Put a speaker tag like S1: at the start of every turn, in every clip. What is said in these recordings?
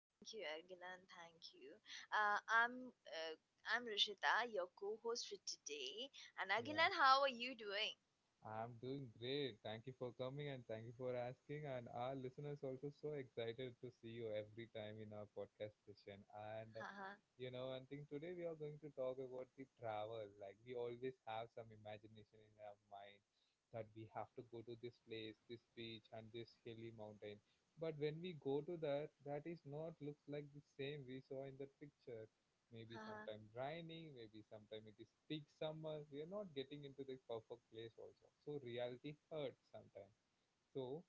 S1: Thank you, Agilan. Thank you. Uh, I'm uh, I'm Rishita, your co-host for today. And
S2: Yeah,
S1: Agilan, how are you doing?
S2: I'm doing great. Thank you for coming and thank you for asking and our listeners also so excited to see you every time in our podcast session. And
S1: Haha,
S2: you know and think today we are going to talk about the travel, like we always have some imagination in our mind that we have to go to this place, this beach and this hilly mountain, but when we go to that, is not looks like the same we saw in the picture. Maybe
S1: haha.
S2: sometimes raining, maybe sometime it is peak summer, we are not getting into the perfect place also, so reality hurts sometimes. so,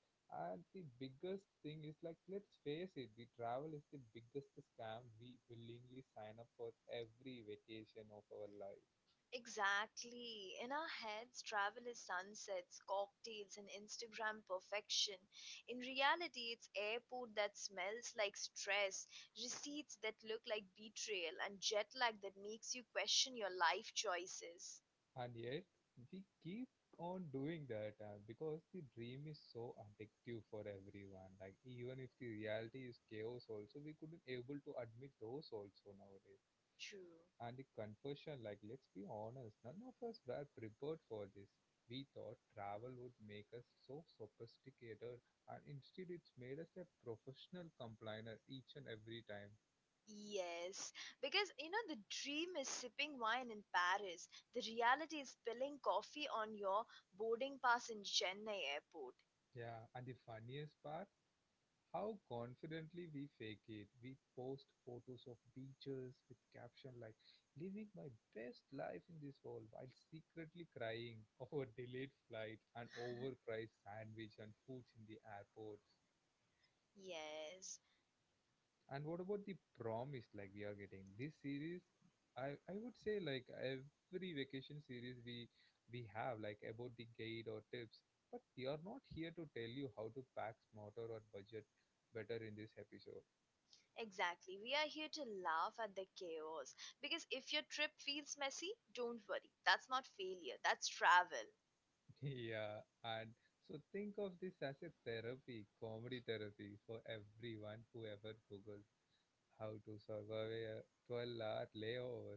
S2: and the biggest thing is, like, let's face it, the travel is the biggest scam we willingly sign up for every vacation of our life.
S1: Exactly. In our heads, travel is sunsets, cocktails, and Instagram perfection. In reality, it's airport that smells like stress, receipts that look like betrayal, and jet lag that makes you question your life choices.
S2: And yet, we keep on doing that, because the dream is so addictive for everyone. Like, even if the reality is chaos, also, we couldn't able to admit those also nowadays.
S1: True.
S2: And the conversion, like, let's be honest, none of us were prepared for this. We thought travel would make us so sophisticated, and instead it's made us a professional complainer each and every time.
S1: Yes, because the dream is sipping wine in Paris. The reality is spilling coffee on your boarding pass in Chennai airport.
S2: Yeah, and the funniest part, how confidently we fake it. We post photos of beaches with caption like living my best life in this world, while secretly crying over delayed flight and overpriced sandwich and foods in the airports.
S1: Yes,
S2: And what about the promise, like we are getting this series? I would say, like every vacation series, we have like about the guide or tips, but they are not here to tell you how to pack smarter or budget better in this episode.
S1: exactly. We are here to laugh at the chaos. Because if your trip feels messy, don't worry. That's not failure, that's travel.
S2: Yeah, and so think of this as a therapy, comedy therapy for everyone who ever googled how to survive a 12-hour layover.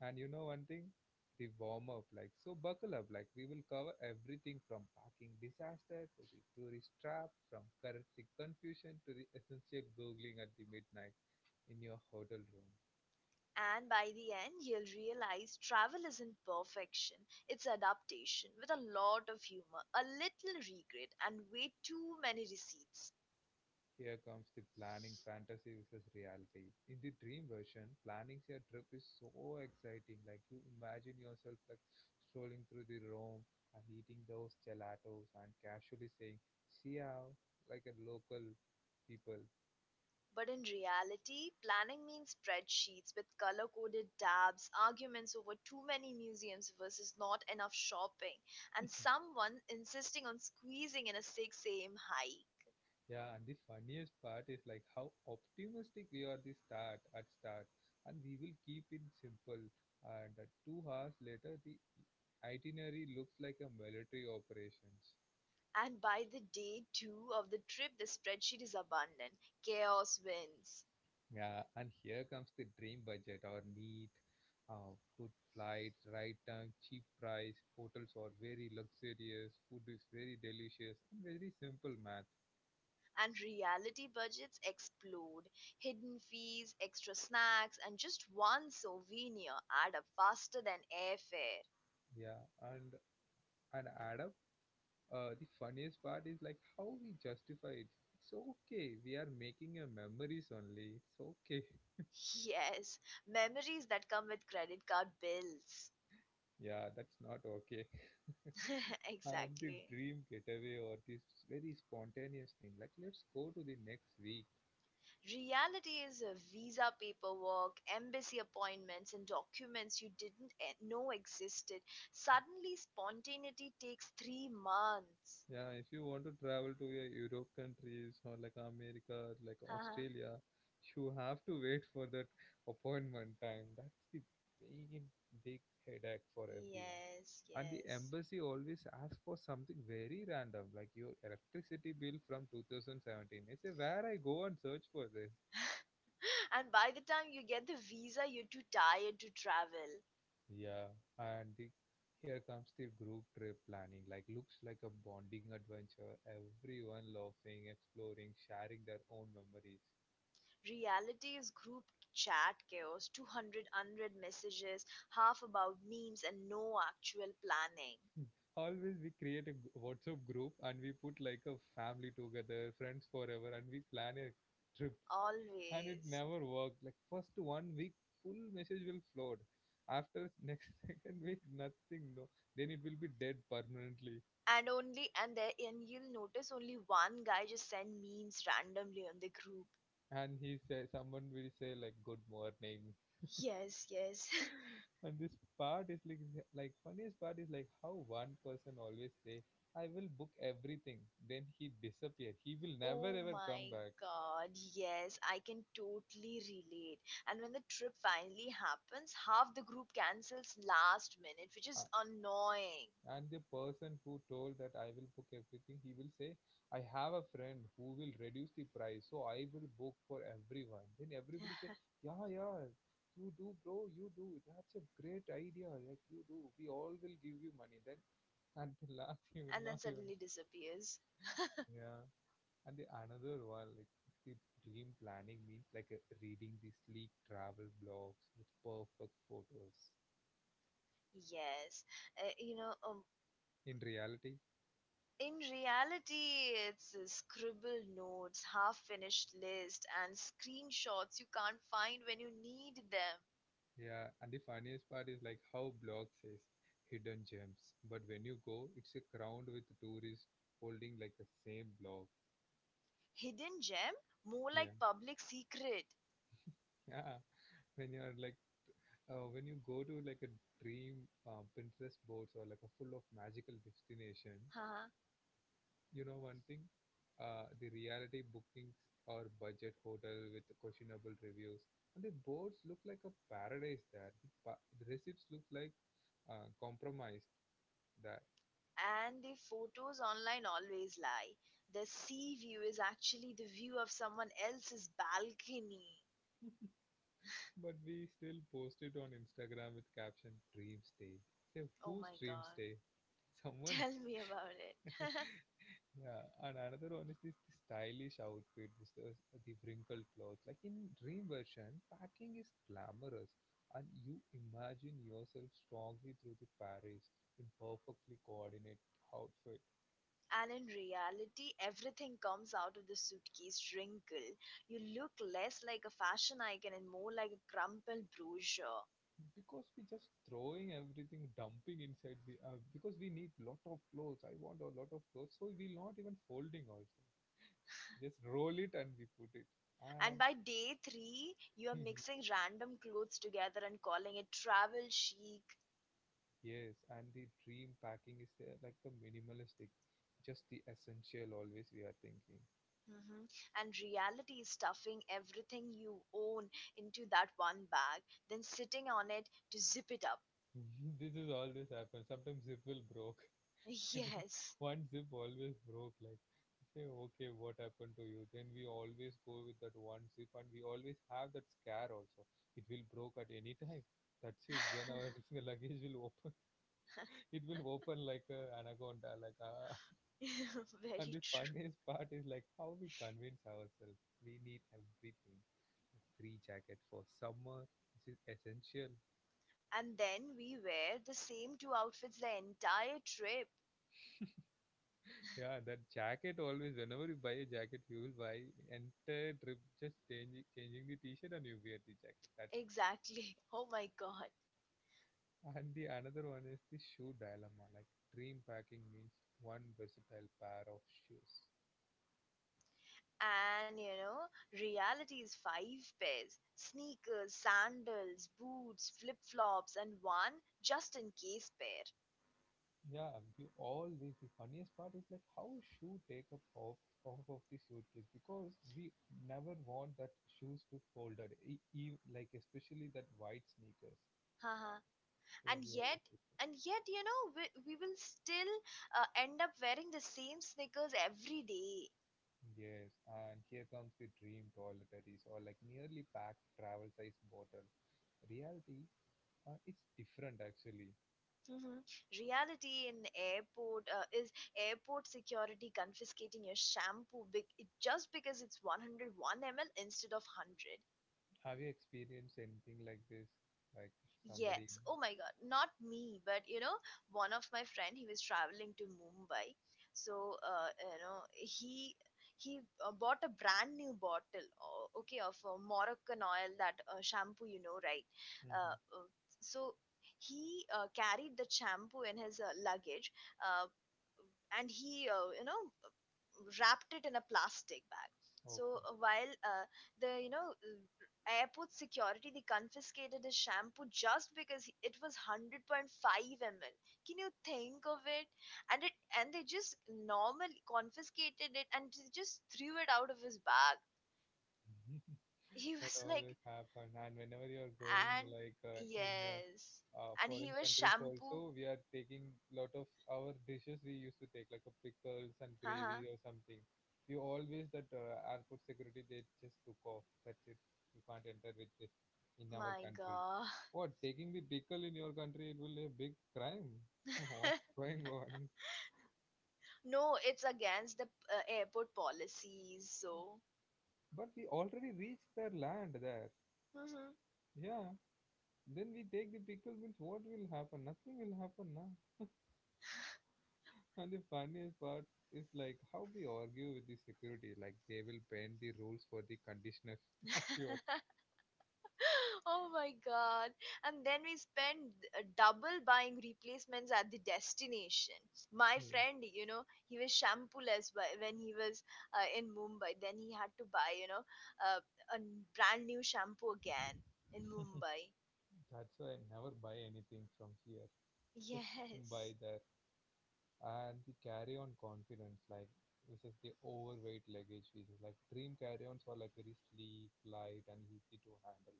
S2: And you know one thing? The warm up, like, so buckle up, like, we will cover everything from parking disaster to the tourist trap, from currency confusion to the essential googling at the midnight in your hotel room.
S1: And by the end, you'll realize travel isn't perfection, it's adaptation with a lot of humor, a little regret, and way too many receipts.
S2: Here comes the planning fantasy versus reality. In the dream version, planning your trip is so exciting. Like, you imagine yourself like strolling through the Rome and eating those gelatos and casually saying "see out" like a local people.
S1: But in reality, planning means spreadsheets with color coded tabs, arguments over too many museums versus not enough shopping, and someone insisting on squeezing in a 6 a.m. hike.
S2: Yeah, and the funniest part is like how optimistic we are the start at start, and we will keep it simple. And 2 hours later, the itinerary looks like a military operations.
S1: And by the day two of the trip, the spreadsheet is abundant. Chaos wins.
S2: Yeah, and here comes the dream budget or neat, good flights, right time, cheap price, hotels are very luxurious, food is very delicious, and very simple math.
S1: And reality budgets explode. Hidden fees, extra snacks, and just one souvenir add up faster than airfare.
S2: Yeah, and add up the funniest part is like how we justify it. It's okay. We are making a memories only. It's okay.
S1: Yes, memories that come with credit card bills.
S2: Yeah, that's not okay. And the
S1: Exactly.
S2: dream getaway or this very spontaneous thing, like, let's go to the next week.
S1: Reality is a visa paperwork, embassy appointments, and documents you didn't know existed. Suddenly, spontaneity takes 3 months.
S2: Yeah, if you want to travel to a Europe countries or like America or like
S1: Huh?
S2: Australia, you have to wait for that appointment time. That's the big, big headache for everyone.
S1: Yes,
S2: And the
S1: yes.
S2: embassy always asks for something very random, like your electricity bill from 2017. I say, where I go and search for this?
S1: And by the time you get the visa, you're too tired to travel.
S2: Yeah, and here comes the group trip planning. Like, looks like a bonding adventure. Everyone laughing, exploring, sharing their own memories.
S1: Reality is group chat chaos, 200 unread messages, half about memes and no actual planning.
S2: Always we create a WhatsApp group and we put like a family together, friends forever, and we plan a trip, and it
S1: Always.
S2: never worked. Like, first one week full message will float, after next second week nothing, no, then it will be dead permanently.
S1: And only, and there, and you'll notice only one guy just send memes randomly on the group.
S2: And he say, someone will say like good morning.
S1: Yes, yes.
S2: And this part is like funniest part is like how one person always say, I will book everything, then he disappear, he will never
S1: Oh
S2: ever come
S1: my
S2: back.
S1: god, yes, I can totally relate. And when the trip finally happens, half the group cancels last minute, which
S2: Uh,
S1: is annoying.
S2: And the person who told that I will book everything, he will say, I have a friend who will reduce the price, so I will book for everyone. Then everybody say, yeah, yeah, you do, bro, you do. That's a great idea. Like, you do. We all will give you money. Then at
S1: And
S2: the
S1: then
S2: last,
S1: suddenly
S2: he will not even.
S1: disappears.
S2: Yeah. And the another one, like, the dream planning means like a, reading the sleek travel blogs with perfect photos.
S1: Yes, uh, you know, um,
S2: In reality,
S1: in reality, it's scribbled notes, half finished list, and screenshots you can't find when you need them.
S2: yeah, and the funniest part is like how blog says hidden gems, but when you go, it's a crowd with tourists holding like the same blog.
S1: Hidden gem, more
S2: Yeah,
S1: like public secret.
S2: yeah. When you're like, when you go to like a dream Pinterest boards or like a full of magical destination,
S1: Huh?
S2: you know one thing, the reality bookings or budget hotel with the questionable reviews, and the boards look like a paradise there. The receipts look like compromise. That.
S1: And the photos online always lie. The sea view is actually the view of someone else's balcony.
S2: But we still post it on Instagram with caption Dream Stay. Say,
S1: Oh
S2: who's
S1: my
S2: Dream
S1: god,
S2: Stay? Someone.
S1: tell me about it.
S2: Yeah, and another one is this stylish outfit with the wrinkled clothes. Like, in Dream version, packing is glamorous and you imagine yourself strongly through the Paris in perfectly coordinate outfit,
S1: And in reality, everything comes out of the suitcase wrinkled. You look less like a fashion icon and more like a crumpled brochure.
S2: because we just throwing everything dumping inside the because we need lot of clothes, I want a lot of clothes, so we not even folding also. Just roll it and we put it.
S1: And
S2: And
S1: by day three, you are mixing random clothes together and calling it travel chic.
S2: yes, and the dream packing is there like a minimalistic, just the essential always we are thinking.
S1: Hmm. And reality is stuffing everything you own into that one bag, then sitting on it to zip it up.
S2: This is always happen. Sometimes zip will broke, and if
S1: Yes.
S2: one zip always broke. Like, say, okay, what happened to you? Then we always go with that one zip, and we always have that scare also. It will broke at any time. That's it. Then our luggage will open. It will open like a anaconda. Like, and
S1: Very
S2: the
S1: true.
S2: funniest part is like how we convince ourselves we need everything. Like, three jacket for summer. This is essential.
S1: And then we wear the same two outfits the entire trip.
S2: Yeah, that jacket always. Whenever you buy a jacket, you will buy entire trip, just changing the t-shirt and you wear the jacket. That.
S1: Exactly. Oh my god.
S2: And the another one is the shoe dilemma. Like, dream packing means one versatile pair of shoes.
S1: And reality is five pairs sneakers, sandals, boots, flip flops, and one just in case pair.
S2: Yeah, you always the funniest part is like how shoe take up off of the suitcase because we never want that shoes to folded, like especially that white sneakers.
S1: Haha.
S2: So
S1: and
S2: we always
S1: yet,
S2: put them.
S1: and yet, we will still end up wearing the same sneakers every day.
S2: Yes, and here comes the dream toiletries or like nearly packed travel size bottle. Reality, it's different actually.
S1: Mhm. Reality in airport is airport security confiscating your shampoo it just because it's 101 ml instead of 100.
S2: Have you experienced anything like this? Like, somebody.
S1: Yes. Oh my God. Not me, but one of my friend, he was traveling to Mumbai. So, he bought a brand new bottle, okay, of Moroccan oil, that shampoo, right? Uh,
S2: Mm-hmm.
S1: uh, so he carried the shampoo in his luggage, uh, and he wrapped it in a plastic bag. So
S2: Okay.
S1: while the airport security they confiscated his shampoo just because it was 100.5 ml. Can you think of it? And they just normally confiscated it and they just threw it out of his bag. He
S2: That
S1: was like
S2: always happen, and whenever you are going
S1: and
S2: like uh, in uh,
S1: yes,
S2: uh,
S1: and he
S2: foreign
S1: was
S2: countries
S1: shampoo.
S2: also, we are taking lot of our dishes, we used to take like a pickles and gravy
S1: Haha,
S2: or something. We always that airport security, they just took off, that's it, you can't enter with this in our
S1: my
S2: country.
S1: god.
S2: What, taking the pickle in your country it will be a big crime? What's going on?
S1: No, it's against the airport policies. So.
S2: But we already reached their land there,
S1: hmm
S2: yeah. Then we take the pickle means what will happen? Nothing will happen, na? And the funniest part is like how we argue with the security, like they will bend the rules for the conditioners, not yours.
S1: Oh my god. And then we spend double buying replacements at the destination. My
S2: Hmm.
S1: friend, he was shampooless when he was in Mumbai. Then he had to buy, uh, a brand new shampoo again in Mumbai.
S2: That's why I never buy anything from here. Just go and
S1: Yes.
S2: buy there. And the carry on confidence, like, which is the overweight luggage, which is like dream carry ons are like very sleek, light, and easy to handle.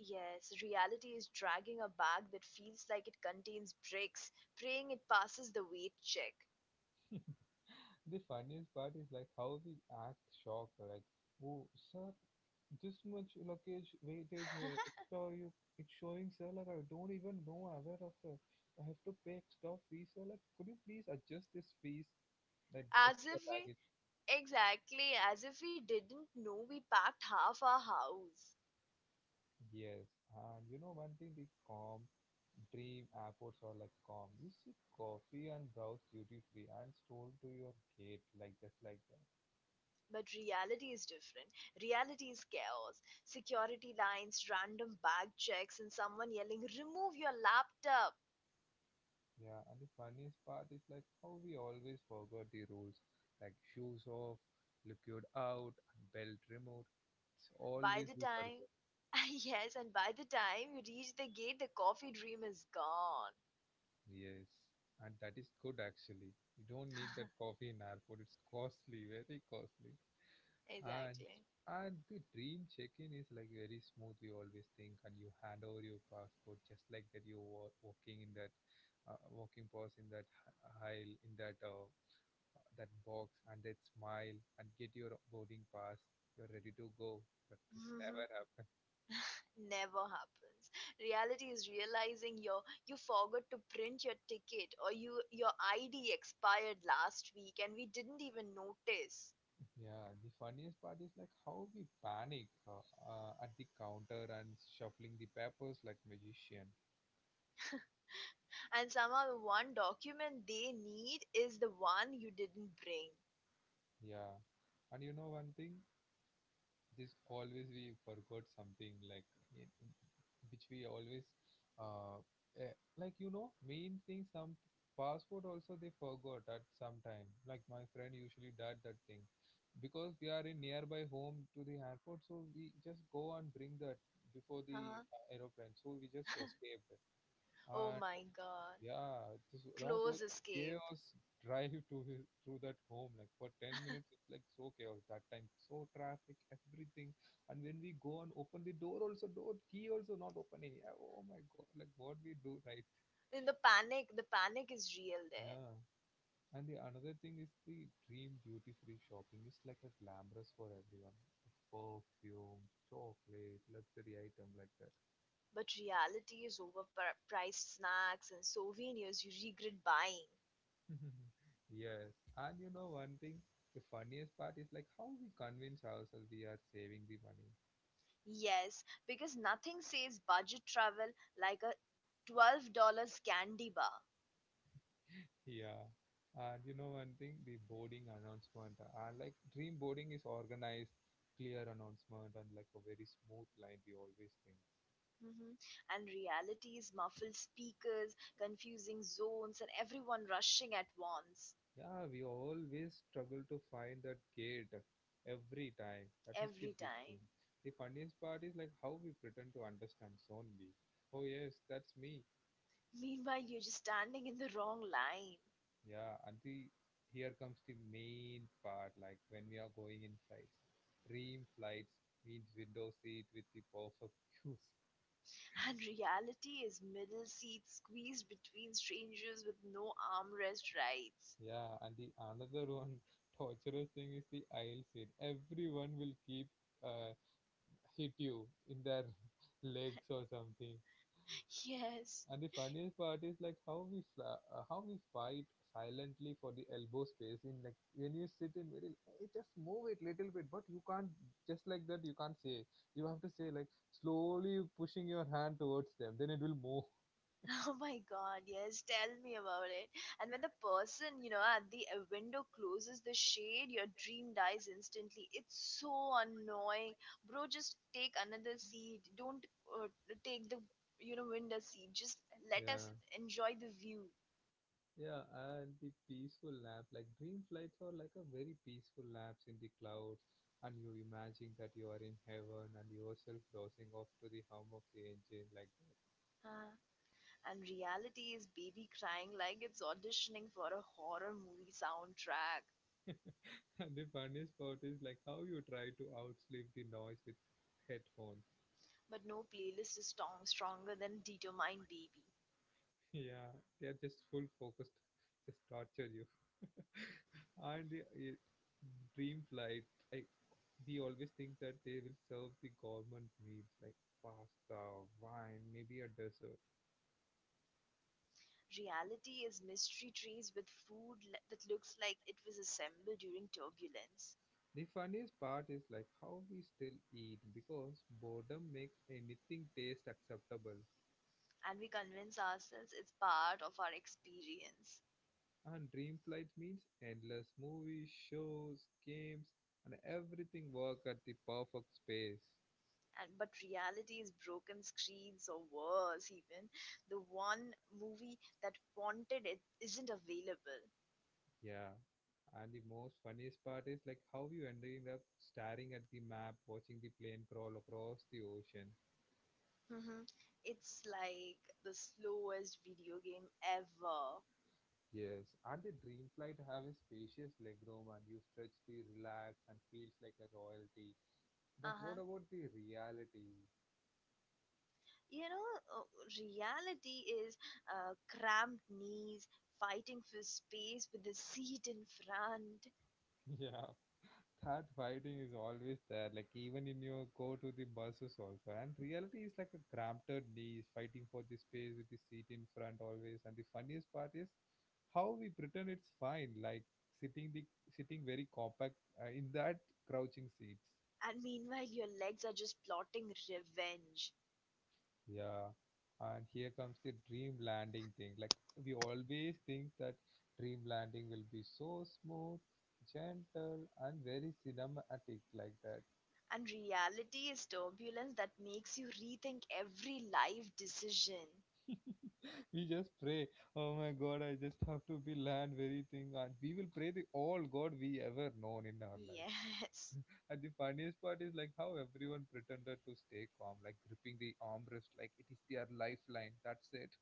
S1: Yes, reality is dragging a bag that feels like it contains bricks, praying it passes the weight check.
S2: The funniest part is like how we act shocked, like, oh, sir, this much luggage weightage extra you, it's showing sir, like I don't even know aware of the, I have to pay extra fees sir, like could you please adjust this fees, that
S1: As
S2: extra
S1: if we,
S2: baggage.
S1: exactly, as if we didn't know we packed half our house.
S2: Yes, and you know one thing, the calm dream airports are like calm, you sip coffee and browse duty free and stroll to your gate like just like that.
S1: But reality is different. Reality is chaos. Security lines, random bag checks, and someone yelling, Remove your laptop!
S2: Yeah, and the funniest part is like how we always forgot the rules, like shoes off, liquid out, and belt removed. It's
S1: By
S2: always
S1: the
S2: we
S1: time,
S2: forgot.
S1: yes, and by the time you reach the gate, the coffee dream is gone.
S2: Yes, and that is good actually. You don't need that coffee in airport. It's costly, very costly. And
S1: Exactly.
S2: and the dream check-in is like very smooth. You always think, and you hand over your passport just like that. You walking in that, walking past in that aisle in that that box and they'd smile and get your boarding pass. You're ready to go, but this
S1: Mhm.
S2: never happened.
S1: Never happens. Reality is realizing you forgot to print your ticket or your ID expired last week and we didn't even notice.
S2: Yeah, the funniest part is like how we panic at the counter and shuffling the papers like magician.
S1: And somehow the one document they need is the one you didn't bring.
S2: Yeah, and you know one thing, this always we forgot something like eh, which we always uh like you know main thing some passport also they forgot at some time like my friend usually does that thing because we are in nearby home to the airport, so we just go and bring that before the
S1: Huh?
S2: aeroplane, so we just escaped.
S1: Oh
S2: And
S1: my god.
S2: yeah, this that
S1: Close
S2: was
S1: escape.
S2: chaos. Drive to his through that home like for 10 minutes. It's like so chaos that time, so traffic everything. And when we go and open the door also, door key also not opening. Yeah, oh my god, like what we do, right?
S1: The panic is real there.
S2: Yeah, and the another thing is the dream duty free shopping is like a glamorous for everyone with perfume, chocolate, luxury item like that.
S1: But reality is overpriced snacks and souvenirs you regret buying.
S2: Yes, and you know one thing, the funniest part is like how we convince ourselves we are saving the money.
S1: Yes, because nothing says budget travel like a $12 candy bar.
S2: Yeah, and you know one thing, the boarding announcement and like dream boarding is organized, clear announcement and like a very smooth line. We always think.
S1: hmm And realities, muffled speakers, confusing zones, and everyone rushing at once
S2: Yeah, we always struggle to find that gate every time. That is the
S1: every
S2: big thing.
S1: time.
S2: The funniest part is like how we pretend to understand zone B. Oh yes, that's me.
S1: Meanwhile, you're just standing in the wrong line.
S2: Yeah, and the here comes the main part like when we are going in flights. Dream flights means window seat with the perfect views.
S1: And reality is middle seats squeezed between strangers with no armrest rights.
S2: Yeah, and the another one torturous thing is the aisle seat. Everyone will keep uh, hit you in their legs or something.
S1: Yes.
S2: And the funniest part is like how how we fight silently for the elbow space, in like when you sit in very just move it little bit, but you can't just like that. You can't say, you have to say like slowly pushing your hand towards them. Then it will move.
S1: Oh my god, yes, tell me about it. And when the person, at the window closes the shade, your dream dies instantly. It's so annoying. Bro, just take another seat. Don't uh, take the window seat. Just let us
S2: Yeah.
S1: enjoy the view.
S2: Yeah, and the peaceful nap, like dream flights are like a very peaceful naps in the clouds, and you imagine that you are in heaven and yourself dozing off to the hum of the engine like that.
S1: Uh, and reality is baby crying like it's auditioning for a horror movie soundtrack.
S2: And the funniest part is like how you try to outsleep the noise with headphones.
S1: But no playlist is stronger than Determined Baby.
S2: Yeah, they are just full focused, just torture you. And the dream flight, like we always think that they will serve the government meals like pasta, wine, maybe a dessert.
S1: Reality is mystery trees with food that looks like it was assembled during turbulence.
S2: The funniest part is like how we still eat because boredom makes anything taste acceptable.
S1: And we convince ourselves it's part of our experience.
S2: And dream flight means endless movies, shows, games, and everything work at the perfect space.
S1: But reality is broken screens or worse even the one movie that wanted it isn't available.
S2: Yeah. And the most funniest part is like how you ending up staring at the map, watching the plane crawl across the ocean.
S1: hmm It's like the slowest video game ever.
S2: Yes. And the dream flight have a spacious legroom and you stretch the relax and feels like a royalty. But
S1: Uh-huh.
S2: what about the reality?
S1: You know, uh, Reality is cramped knees fighting for space with the seat in front,
S2: Yeah. That fighting is always there, like even in your go to the buses also, and reality is like a cramped knees fighting for the space with the seat in front always. And the funniest part is how we pretend it's fine, like sitting the sitting very compact in that crouching seats.
S1: and meanwhile, your legs are just plotting revenge.
S2: Yeah, and here comes the dream landing thing, like we always think that dream landing will be so smooth, gentle, and very cinematic like that.
S1: And reality is turbulence that makes you rethink every life decision.
S2: We just pray, oh my God, I just have to be land very thing, and we will pray the all God we ever known in our life.
S1: Yes.
S2: And the funniest part is like how everyone pretended to stay calm, like gripping the armrest, like it is their lifeline. That's it.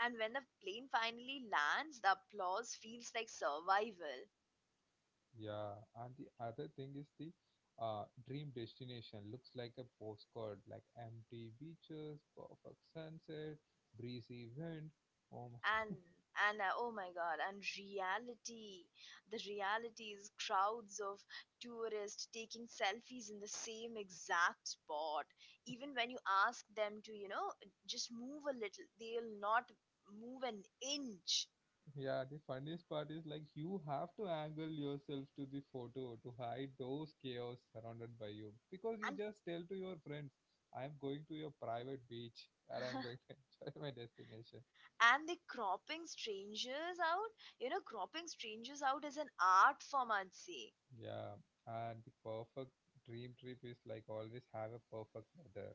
S1: And when the plane finally lands, the applause feels like survival.
S2: Yeah, and the other thing is the dream destination looks like a postcard, like empty beaches, perfect sunset, breezy wind. Oh.
S1: and and oh my god, and reality the reality is crowds of tourists taking selfies in the same exact spot, even when you ask them to just move a little, they'll not move an inch.
S2: Yeah, the funniest part is like you have to angle yourself to the photo to hide those chaos surrounded by you, because you
S1: And
S2: just tell to your friends, I am going to a private beach and I'm going to enjoy my destination.
S1: and they cropping strangers out, cropping strangers out is an art form, I'd say.
S2: Yeah, and the perfect dream trip is like always have a perfect weather,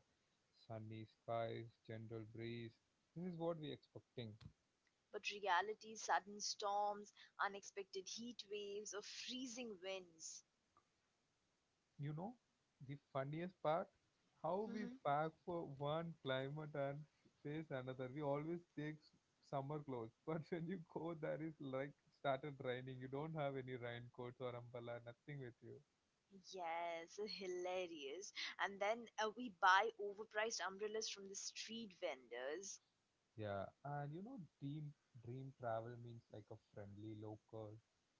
S2: sunny skies, gentle breeze. This is what we expecting.
S1: But reality sudden storms, unexpected heat waves or freezing winds.
S2: You know, the funniest part, how we pack for one climate and face another. We always take summer clothes, but when you go there is like started raining. You don't have any raincoats or umbrella, nothing with you.
S1: Yes, hilarious. And then we buy overpriced umbrellas from the street vendors.
S2: Yeah. And you know, dream travel means like a friendly local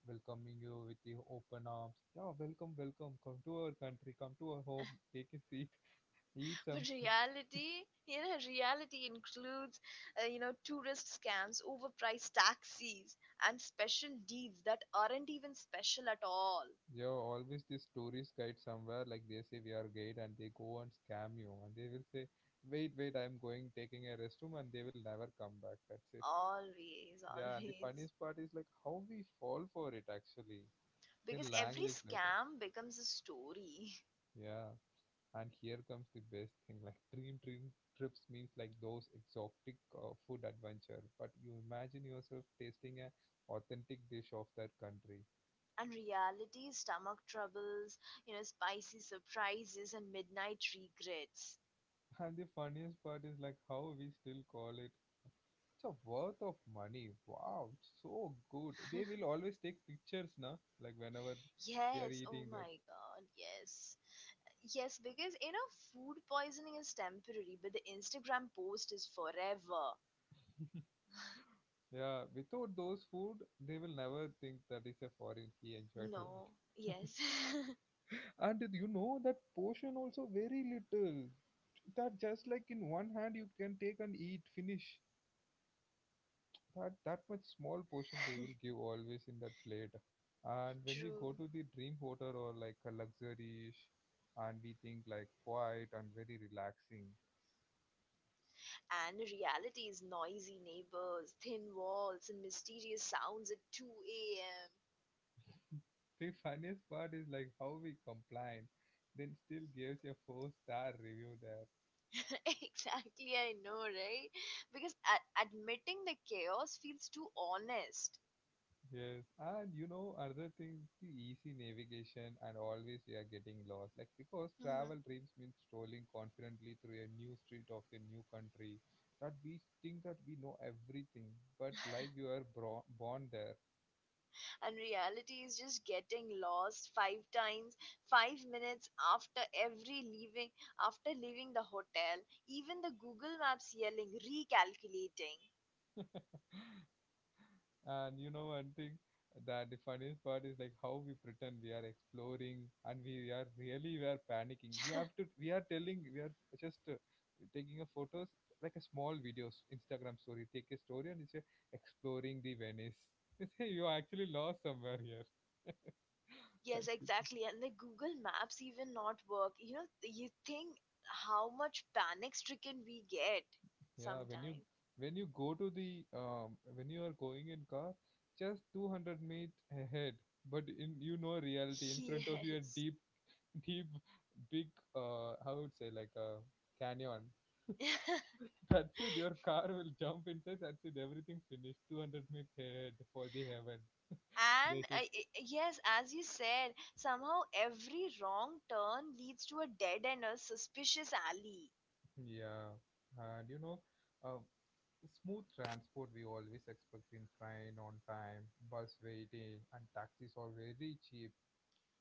S2: welcoming you with the open arms. Yeah, welcome, welcome. Come to our country, come to our home, take a seat, eat
S1: But
S2: some.
S1: reality, reality includes, tourist scams, overpriced taxis, and special deals that aren't even special at all.
S2: Yeah, always this tourist guide somewhere, like they say we are guide and they go and scam you and they will say, wait, wait, I'm going taking a restroom, and they will never come back. That's it.
S1: Always,
S2: Yeah, and the
S1: always.
S2: funniest part is like how we fall for it actually. The
S1: Because every
S2: language later.
S1: scam becomes a story.
S2: Yeah. And here comes the best thing, like dream trips means like those exotic food adventure. But you imagine yourself tasting a authentic dish of that country.
S1: And reality, stomach troubles, spicy surprises, and midnight regrets.
S2: And the funniest part is like how we still call it, it's a worth of money. Wow, it's so good. They will always take pictures na, like whenever they are
S1: Yes, oh
S2: eating that.
S1: my god, yes. Yes, because food poisoning is temporary, but the Instagram post is forever.
S2: Yeah, without those food, they will never think that is a foreign he enjoyed a lot.
S1: No, yes,
S2: And you know that portion also very little. That just like in one hand you can take and eat, finish. That much small portion they will give always in that plate. And when we
S1: true.
S2: go to the dream hotel or like a luxury, and we think like quiet and very relaxing.
S1: And the reality is noisy neighbors, thin walls, and mysterious sounds at 2 a.m.
S2: The funniest part is like how we complain, then still gives a four-star review there.
S1: Exactly, I know, right? Because admitting the chaos feels too honest.
S2: Yes, and you know another thing is the easy navigation and always we are getting lost. Like, because travel dreams means strolling confidently through a new street of a new country that we think that we know everything, but like you are born there.
S1: And reality is just getting lost five times, 5 minutes after every leaving, after leaving the hotel. Even the Google Maps yelling, recalculating.
S2: And you know, one thing, that the funniest part is like how we pretend we are exploring and we are really we are panicking. We have to, we are telling, we are just taking a photos, like a small videos, Instagram story. Take a story and it's exploring the Venice. You say you are actually lost somewhere here. That's
S1: Yes,
S2: it.
S1: exactly. And the Google Maps even not work. You think how much panic stricken we get
S2: Yeah,
S1: sometime.
S2: when you go to the when you are going in car, just 200-meter ahead, but in you know reality in front of you a
S1: Yes.
S2: deep, big, how would say, like a canyon. That's it. Your car will jump inside. That's it. Everything finished. 200-meter head for the heaven. They
S1: and
S2: should.
S1: uh, y- yes, as you said, somehow every wrong turn leads to a dead end or suspicious alley.
S2: Yeah. And you know, uh, smooth transport we always expect, in train on time, bus waiting, and taxis are very cheap.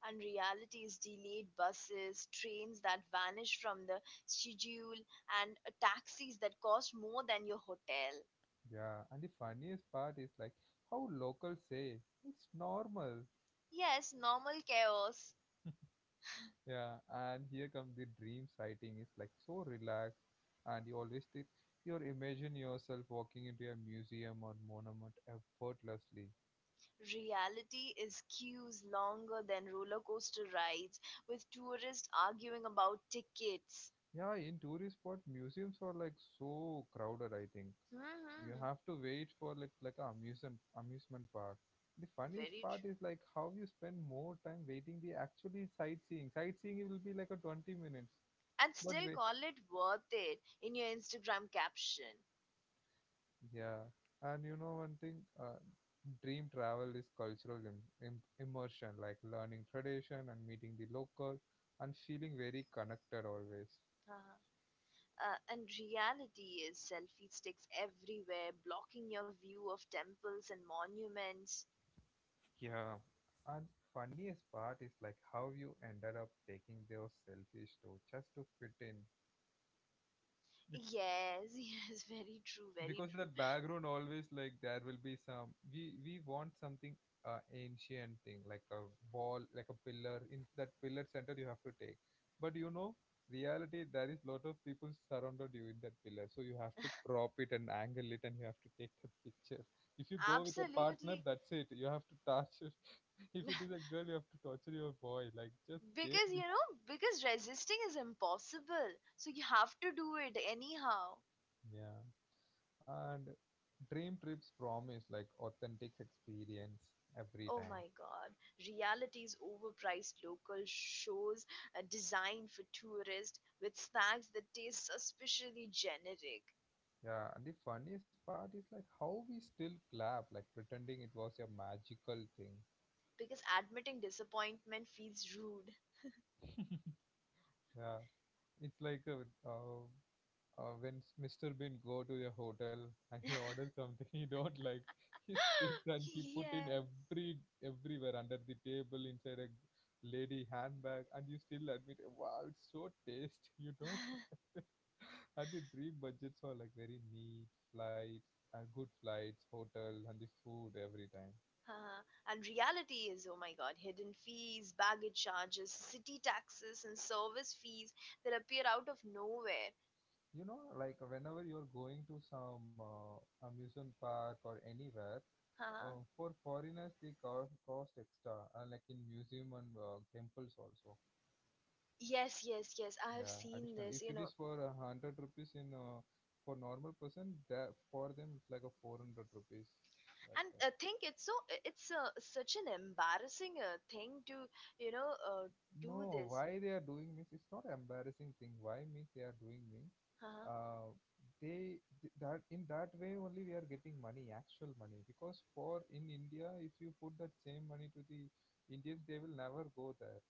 S1: And reality is delayed buses, trains that vanish from the schedule, and taxis that cost more than your hotel.
S2: Yeah. And the funniest part is like how locals say it's normal.
S1: Yes, normal chaos.
S2: Yeah, and here comes the dream sighting. It's like so relaxed, and you always think, you imagine yourself walking into a museum or monument effortlessly.
S1: Reality is queues longer than roller coaster rides, with tourists arguing about tickets.
S2: Yeah, in tourist spot, museums are like so crowded. I think you
S1: hmm
S2: have to wait for like a amusement park. The funniest
S1: Very
S2: part
S1: true.
S2: is like how you spend more time waiting the actually sightseeing. Sightseeing it will be like a 20 minutes,
S1: And
S2: but.
S1: still call it worth it in your Instagram caption.
S2: Yeah, and you know one thing, dream travel is cultural immersion, like learning tradition and meeting the local and feeling very connected always.
S1: Uh-huh. And reality is selfie sticks everywhere, blocking your view of temples and monuments.
S2: Yeah, and funniest part is like how you ended up taking those selfies too, just to fit in.
S1: Yes, yes, very true, very
S2: Because
S1: true.
S2: that background always, like there will be some, we want something ancient thing, like a wall, like a pillar. In that pillar center you have to take, but you know reality there is lot of people surrounded you in that pillar, so you have to crop it and angle it and you have to take the picture. If you go with a partner,
S1: Absolutely.
S2: that's it, you have to torture. If it is a girl, you have to torture your boy, like just
S1: Because,
S2: take
S1: you
S2: it.
S1: know, because resisting is impossible. So you have to do it anyhow.
S2: Yeah, and dream trips promise like authentic experience every
S1: Oh
S2: time.
S1: my god. Reality's overpriced local shows designed for tourists with snacks that taste suspiciously generic.
S2: Yeah, and the funniest part is like how we still clap, like pretending it was a magical thing.
S1: Because admitting disappointment feels rude.
S2: Yeah, it's like when Mr. Bean go to a hotel and he orders something he don't like, he spits and he put in
S1: Yeah.
S2: everywhere, under the table, inside a lady handbag, and you still admit, wow, it's so taste, you know. And the dream budgets are like very neat, flights, good flights, hotel, and the food every time.
S1: Uh, and reality is, oh my god, hidden fees, baggage charges, city taxes, and service fees that appear out of nowhere.
S2: You know, like whenever you're going to some amusement park or anywhere
S1: Uh,
S2: for foreigners they cost, cost extra like in museum and temples also.
S1: yes, yes, yes, I have
S2: Yeah,
S1: seen
S2: additional
S1: this,
S2: if
S1: you
S2: it
S1: know.
S2: is for 100 rupees in for normal person, that for them it's like a 400 rupees like
S1: And I
S2: that.
S1: think it's such an embarrassing thing to, you know, uh, do
S2: No,
S1: this.
S2: why they are doing means it's not embarrassing thing. Why means they are doing means
S1: Uh,
S2: uh, they that in that way only we are getting money, actual money. Because for in India, if you put that same money to the Indians, they will never go there.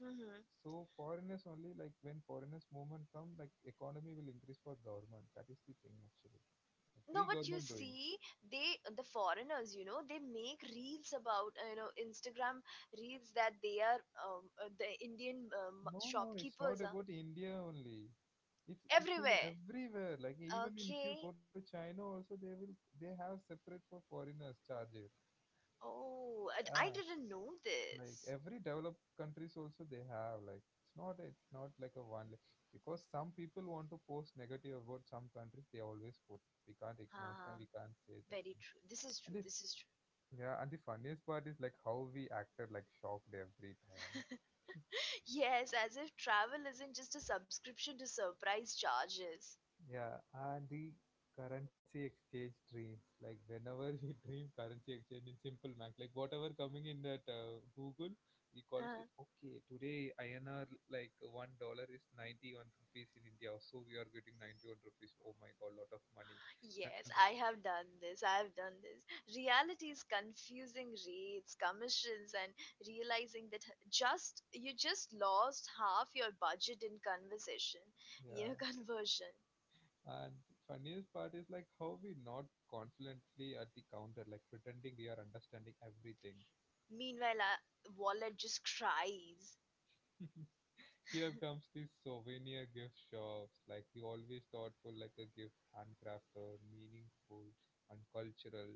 S1: hmm
S2: So foreigners only, like when foreigners movement come, like economy will increase for government. That is the thing actually. Free
S1: No, but
S2: government
S1: you
S2: doing.
S1: see, they, the foreigners, they make reels about, Instagram reels that they are the Indian
S2: No, no, it's not
S1: shopkeepers are.
S2: about India only. It's in
S1: Everywhere.
S2: everywhere. Like even if you
S1: Okay.
S2: go to China also they will they have separate for foreigners charges.
S1: Oh, and I
S2: Yeah.
S1: didn't know
S2: Like
S1: this.
S2: every developed countries also they have. Like it's not like a because some people want to post negative about some countries they always post. We can't ignore that. We
S1: Haha,
S2: can't say that thing.
S1: very true. This is
S2: And
S1: true.
S2: this,
S1: This is true.
S2: yeah, and the funniest part is like how we acted like shocked every time.
S1: Yes, as if travel isn't just a subscription to surprise charges.
S2: Yeah, and the currency exchange dreams. Like whenever we dream currency exchange in simple math, like whatever coming in that Google, we call
S1: Huh.
S2: it. Okay, today INR, like $1 is 91 rupees in India, so we are getting 91 rupees. Oh my god, lot of money. And
S1: Yes, I have done this. I have done this. Reality is confusing rates, commissions, and realizing that just you just lost half your budget in conversation,
S2: yeah,
S1: conversion.
S2: and funniest part is like how we not confidently at the counter, like pretending we are understanding everything.
S1: Meanwhile, our wallet just cries.
S2: Here comes the souvenir gift shops, like the always thoughtful, like a gift, handcrafted, meaningful, and cultural.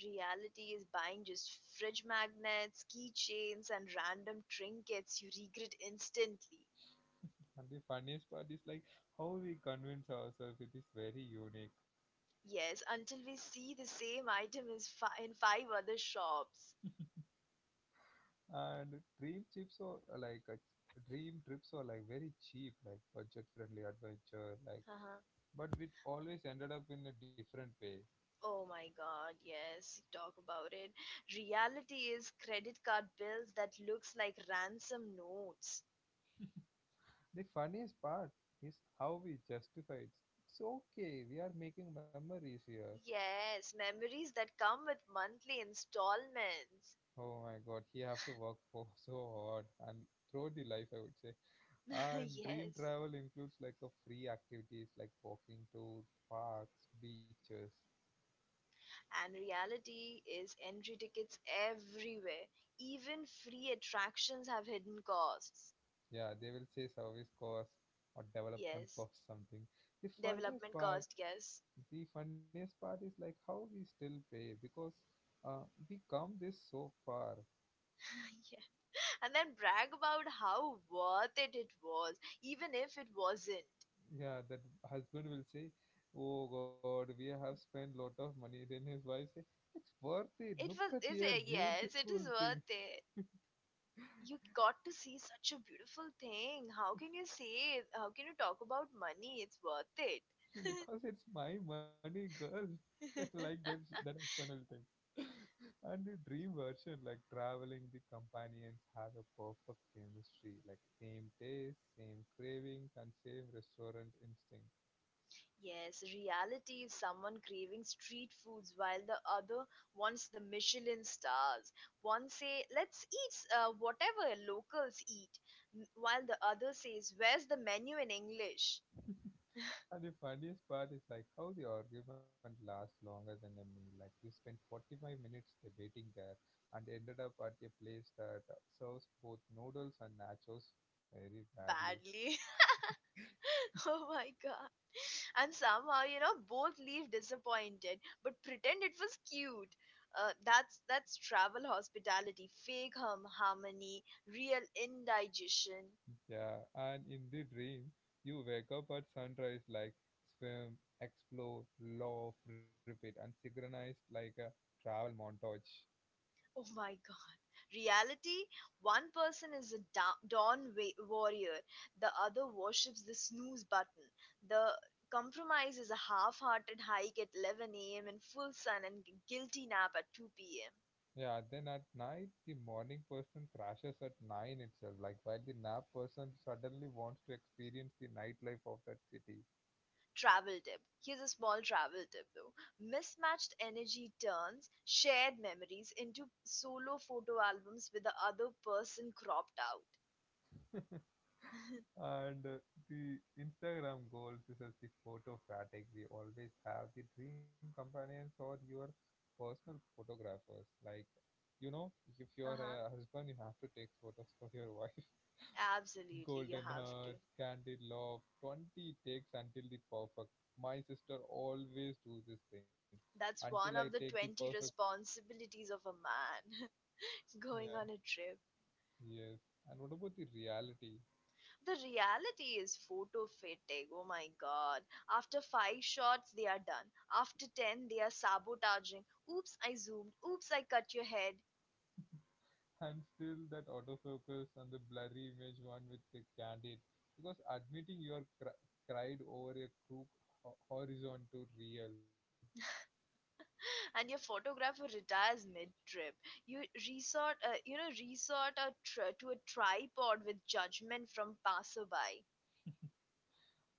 S1: Reality is buying just fridge magnets, keychains, and random trinkets you regret instantly.
S2: And the funniest part is like how we convince ourselves it is very unique.
S1: Yes, until we see the same item is in five other shops.
S2: And dream trips are dream trips are like very cheap, like budget friendly adventure, like
S1: Uh-huh.
S2: but it always ended up in a different way.
S1: Oh my god, yes, talk about it. Reality is credit card bills that looks like ransom notes.
S2: The funniest part is how we justify it. It's okay, we are making memories here.
S1: Yes, memories that come with monthly installments.
S2: Oh my god, he have to work for so hard and throughout the life I would say. And dream
S1: yes.
S2: travel includes like a free activities like walking to parks, beaches.
S1: And reality is entry tickets everywhere. Even free attractions have hidden costs.
S2: Yeah, they will say service cost or development
S1: Yes,
S2: cost something. The funniest
S1: development
S2: part,
S1: cost, yes.
S2: the funniest part is like how we still pay because uh, we come this so far.
S1: yeah. And then brag about how worth it it was, even if it wasn't.
S2: Yeah, that husband will say, oh god, we have spent lot of money, then his wife say it's worth it, look
S1: It was,
S2: at
S1: is
S2: here
S1: it? Yes, it
S2: beautiful
S1: is
S2: thing.
S1: worth it. You got to see such a beautiful thing. How can you say, how can you talk about money? It's worth it.
S2: Because it's my money girl, like that that husband will think. And the dream version, like traveling, the companions have a perfect chemistry, like same taste, same cravings, and same restaurant instinct.
S1: Yes, reality is someone craving street foods while the other wants the Michelin stars. One say, "Let's eat whatever locals eat," while the other says, "Where's the menu in English?"
S2: And the funniest part is like how the argument lasts longer than a meal. Like you spent 45 minutes debating there and ended up at a place that serves both noodles and nachos very badly.
S1: Badly. oh my god. And somehow, both leave disappointed, but pretend it was cute. That's travel hospitality, fake hum harmony, real indigestion.
S2: Yeah, and in the dream, you wake up at sunrise like swim, explore, laugh, repeat, and synchronized like a travel montage.
S1: Oh my reality, one person is a dawn warrior, the other worships the snooze button. The compromise is a half hearted hike at 11 a.m. in full sun and guilty nap at 2 p.m.
S2: Yeah, then at night, the morning person crashes at 9 itself, like while the nap person suddenly wants to experience the nightlife of that city.
S1: Travel tip. Here's a small travel tip though. Mismatched energy turns shared memories into solo photo albums with the other person cropped out.
S2: And the Instagram goals, this is the photo fatigue. We always have the dream companions or your personal photographers. Like, you know, if you are
S1: uh-huh.
S2: a husband, you have to take photos for your wife.
S1: Absolutely, you
S2: Golden
S1: have to.
S2: hearts, candied love, 20 takes until the perfect. My sister always do this thing. Until
S1: That's
S2: I
S1: one
S2: take
S1: of
S2: the
S1: the
S2: perfect.
S1: 20 responsibilities of a man going
S2: Yeah,
S1: on a trip.
S2: yes. And what about the reality?
S1: The reality is photo fatigue. Oh my god. After 5 shots, they are done. After 10, they are sabotaging. Oops, I zoomed. Oops, I cut your head.
S2: And still that autofocus and the blurry image one with the candid. Because admitting you are cried over a crook horizon to real.
S1: And your photographer retires mid trip. You resort, resort to a tripod with judgment from passerby.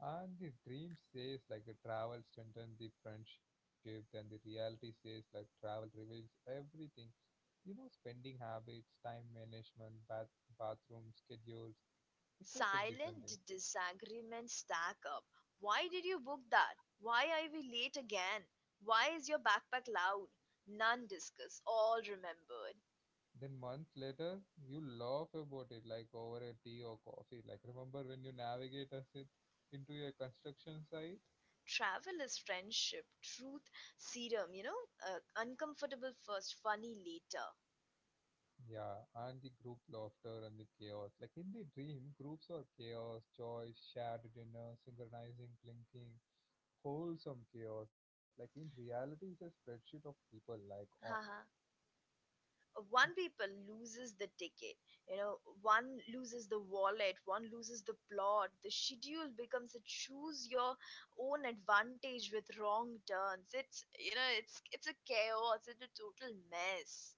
S2: And the dream says like a travel strengthens the friendship, then the reality says like travel reveals everything. You know, spending habits, time management, bathroom schedules, it's like a different
S1: Silent
S2: thing.
S1: disagreements stack up. Why did you book that? Why are we late again? Why is your backpack loud? None discussed, all remembered.
S2: Then months later, you laugh about it like over a tea or coffee. Like remember when you navigate us it into a construction site?
S1: Travel is friendship, truth serum, uncomfortable first, funny later.
S2: Yeah, and the group laughter and the chaos. Like in the dream, groups are chaos, joy, shared dinner, synchronizing, blinking, wholesome chaos. Like in reality, it's a spreadsheet of people. Like o-.
S1: Haha. One people loses the ticket, one loses the wallet, one loses the plot. The schedule becomes a choose your own advantage with wrong turns. It's you know it's it's a chaos, it's a total mess.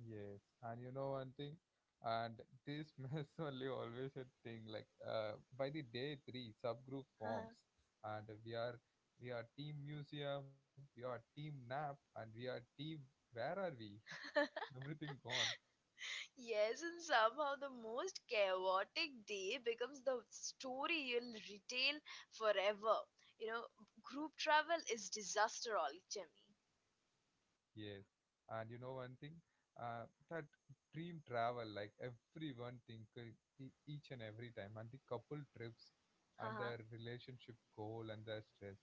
S2: Yes, and you know one thing, and this mess only always a thing like by the day three subgroup forms, and we are team museum, we are team nap, and we are team where are we? Everything gone.
S1: Yes, and somehow the most chaotic day becomes the story you'll retail forever, you know group travel is disaster all jimmy.
S2: Yes, and you know one thing, uh, that dream travel, like everyone think each and every time, and the couple trips, and
S1: huh
S2: their relationship goal and their stress,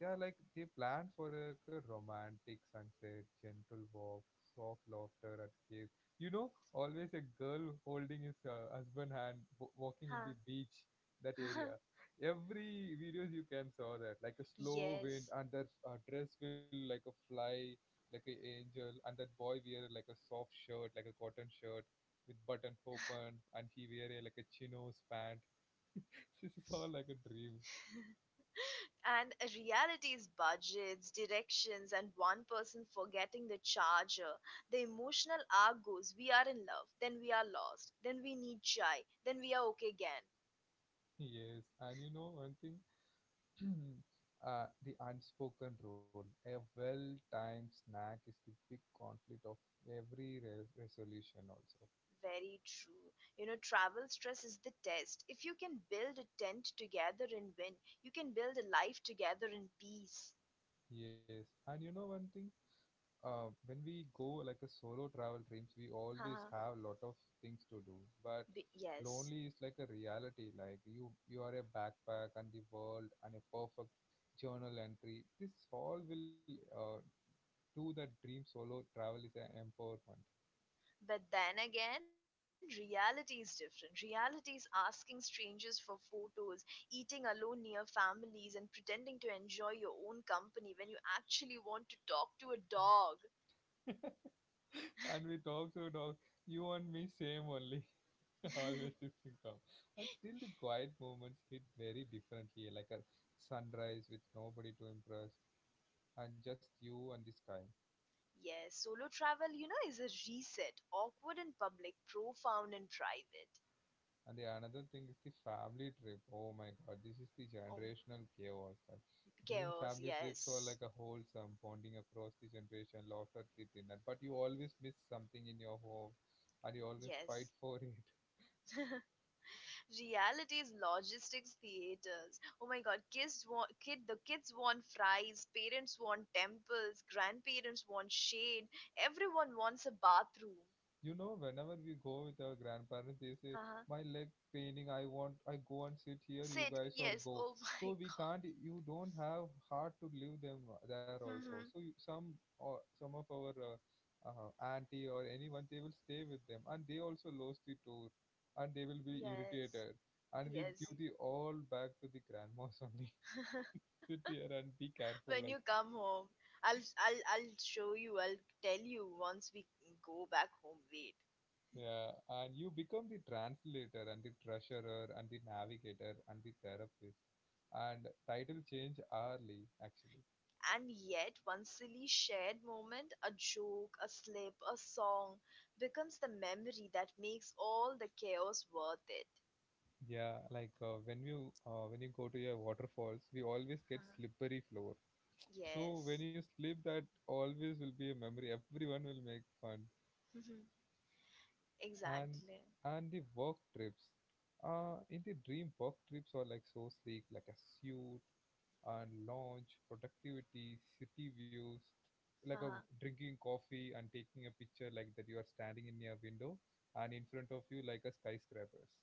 S2: they are like they plan for like a romantic sunset, gentle walk, soft laughter at cave. You know, always a girl holding his husband hand, walking in the
S1: huh.
S2: beach, that area. Every videos you can saw that, like a slow wind,
S1: Yes,
S2: and their dress will like a fly like an angel, and that boy wear like a soft shirt, like a cotton shirt with button open, and he wear a, like a chinos pant. This is all like a dream.
S1: and reality's budgets, directions, and one person forgetting the charger. The emotional arc goes we are in love, then we are lost, then we need chai, then we are okay again.
S2: Yes, and you know one thing, the unspoken rule. A well-timed snack is the big conflict of every resolution also.
S1: Very true. You know, travel stress is the test. If you can build a tent together and win, you can build a life together in peace.
S2: Yes, and you know one thing, when we go like a solo travel dreams, we always
S1: Haha,
S2: have lot of things to do. But
S1: Yes.
S2: lonely is like a reality. Like you are a backpack and the world and a perfect journal entry. This all will do that dream solo travel is an empowerment.
S1: But then again, reality is different. Reality is asking strangers for photos, eating alone near families, and pretending to enjoy your own company when you actually want to talk to a dog.
S2: And we talk so talk. You and me same only. Always this thing come. And still the quiet moments hit very differently. Like a sunrise with nobody to impress and just you and the sky.
S1: Yes, solo travel, is a reset. Awkward in public, profound in private.
S2: And the another thing is the family trip. Oh my god, this is the
S1: Oh,
S2: generational chaos. Like dream
S1: chaos,
S2: family trips are
S1: yes.
S2: like a wholesome bonding across the generation, laughter, the dinner. But you always miss something in your home, and you always fight
S1: Yes.
S2: for it.
S1: Realities logistics theaters, oh my god, kids want fries, parents want temples, grandparents want shade, everyone wants a bathroom.
S2: You know, whenever we go with our grandparents, they say,
S1: Uh-huh.
S2: "My leg paining. I want. I go and sit here. You
S1: Sit,
S2: guys or
S1: yes,
S2: go."
S1: oh my
S2: So we
S1: god.
S2: can't. You don't have heart to leave them there also.
S1: Hmm.
S2: So you, some or some of our auntie or anyone, they will stay with them, and they also lost the tour, and they will be
S1: Yes,
S2: irritated, and we
S1: yes.
S2: give the all back to the grandmas only. Sit here and be careful,
S1: When you
S2: like.
S1: come home, I'll, I'll show you, I'll tell you once we go back home. Wait.
S2: Yeah, and you become the translator and the treasurer and the navigator and the therapist. And title change hourly, actually.
S1: And yet, one silly shared moment, a joke, a slip, a song, becomes the memory that makes all the chaos worth it.
S2: Yeah, like when you go to your waterfalls, we always get
S1: Uh-huh.
S2: slippery floor. So
S1: Yes.
S2: when you slip, that always will be a memory. Everyone will make fun.
S1: Mhm.
S2: And
S1: Exactly.
S2: and the work trips, in the dream work trips are like so sleek, like a suit and lounge, productivity, city views, like a
S1: Uh-huh.
S2: drinking coffee and taking a picture like that you are standing in your window and in front of you like a skyscrapers.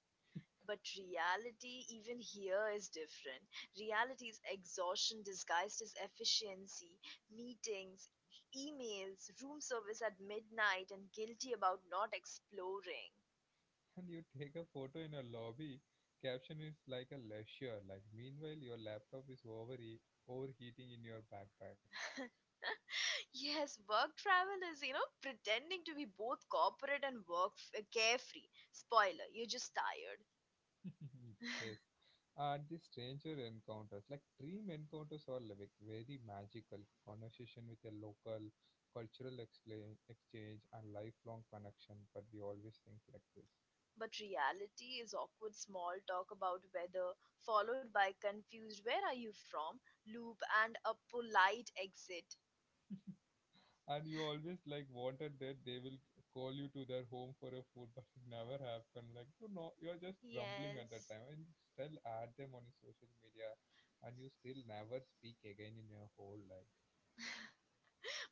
S1: But reality, even here, is different. Reality is exhaustion disguised as efficiency, meetings, emails, room service at midnight, and guilty about not exploring.
S2: And you take a photo in a lobby, caption is like a leisure. Like meanwhile your laptop is over overheating in your backpack.
S1: Yes, work travel is, pretending to be both corporate and work carefree. Spoiler, you're just tired.
S2: Yes. And the stranger encounters, like dream encounters are like very magical. Conversation with a local, cultural exchange, exchange and lifelong connection, but we always think like this.
S1: But reality is awkward small talk about weather, followed by confused, where are you from? Loop and a polite exit.
S2: And you always like wanted that they will call you to their home for a food, but it never happened. Like you know, you're just grumbling at that
S1: Yes.
S2: time, and you still add them on your social media, and you still never speak again in your whole life.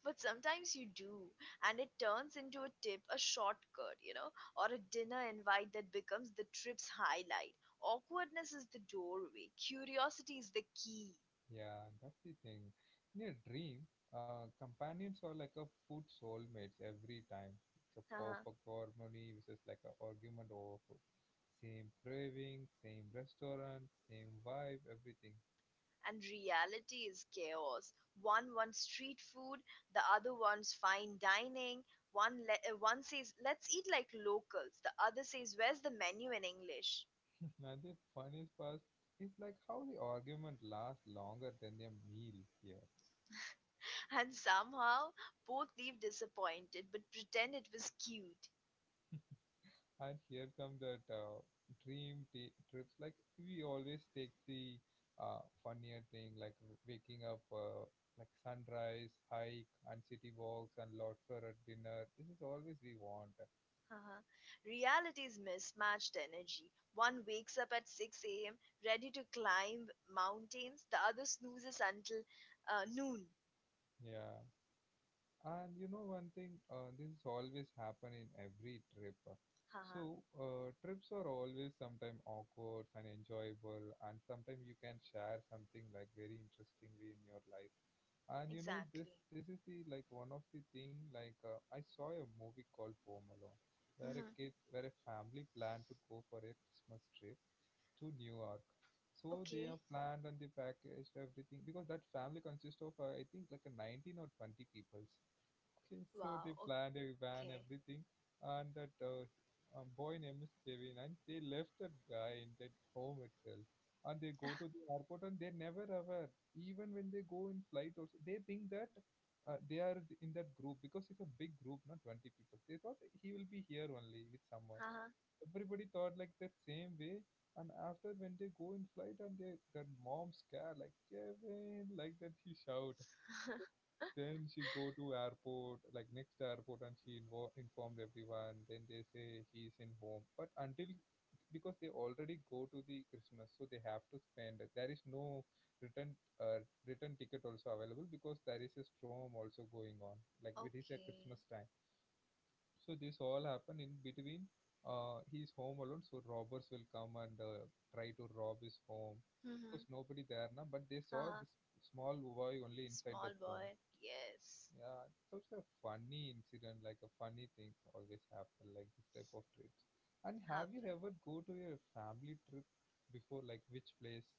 S1: But sometimes you do, and it turns into a tip, a shortcut, or a dinner invite that becomes the trip's highlight. Awkwardness is the doorway, curiosity is the key.
S2: Yeah, that's the thing. In a dream, companions are like a food soulmates every time. It's a perfect harmony, which is like an argument over food. Same craving, same restaurant, same vibe, everything.
S1: And reality is chaos. One wants street food, the other wants fine dining. One says let's eat like locals, the other says where's the menu in English.
S2: And the funniest part is like how the argument lasts longer than their meal here.
S1: And somehow both leave disappointed but pretend it was cute.
S2: And here come that dream trips. Like we always take the funnier thing, like waking up, like sunrise, hike, and city walks, and lobster at dinner. This is always we want.
S1: Haha. Reality is mismatched energy. One wakes up at 6 a.m. ready to climb mountains, the other snoozes until noon.
S2: Yeah, and you know one thing, this is always happen in every trip.
S1: Haha.
S2: So trips are always sometimes awkward and enjoyable, and sometimes you can share something like very interestingly in your life, and you know this
S1: Exactly.
S2: this is the like one of the thing like I saw a movie called Home Alone where a
S1: Mhm.
S2: kid, where a family planned to go for a Christmas trip to New York. So they
S1: Okay.
S2: have planned and they packaged everything because that family consists of I think like a 19 or 20 peoples. Okay, so
S1: Wow.
S2: they planned
S1: Okay.
S2: a van, everything, and that boy name is Kevin, and they left that guy in that home itself, and they go to the airport, and they never aware. Even when they go in flight, also they think that they are in that group because it's a big group, not 20 people. They thought he will be here only with someone.
S1: Haha.
S2: Everybody thought like that same way, and after when they go in flight, and they that mom scare like Kevin, like that he shout. Then she go to airport, like next airport, and she informed everyone. Then they say he's in home. But until, because they already go to the Christmas, so they have to spend it. There is no return return ticket also available because there is a storm also going on. Like it is a
S1: Okay.
S2: Christmas time, so this all happen in between. He's home alone, so robbers will come and try to rob his home
S1: Mm-hmm.
S2: because nobody there now. But they saw
S1: Haha.
S2: this small boy only inside
S1: Small
S2: that home.
S1: boy, yes.
S2: Yeah, it's also a funny incident, like a funny things always happen, like this type of trips. And have you
S1: Happen.
S2: ever go to your family trip before, like which place?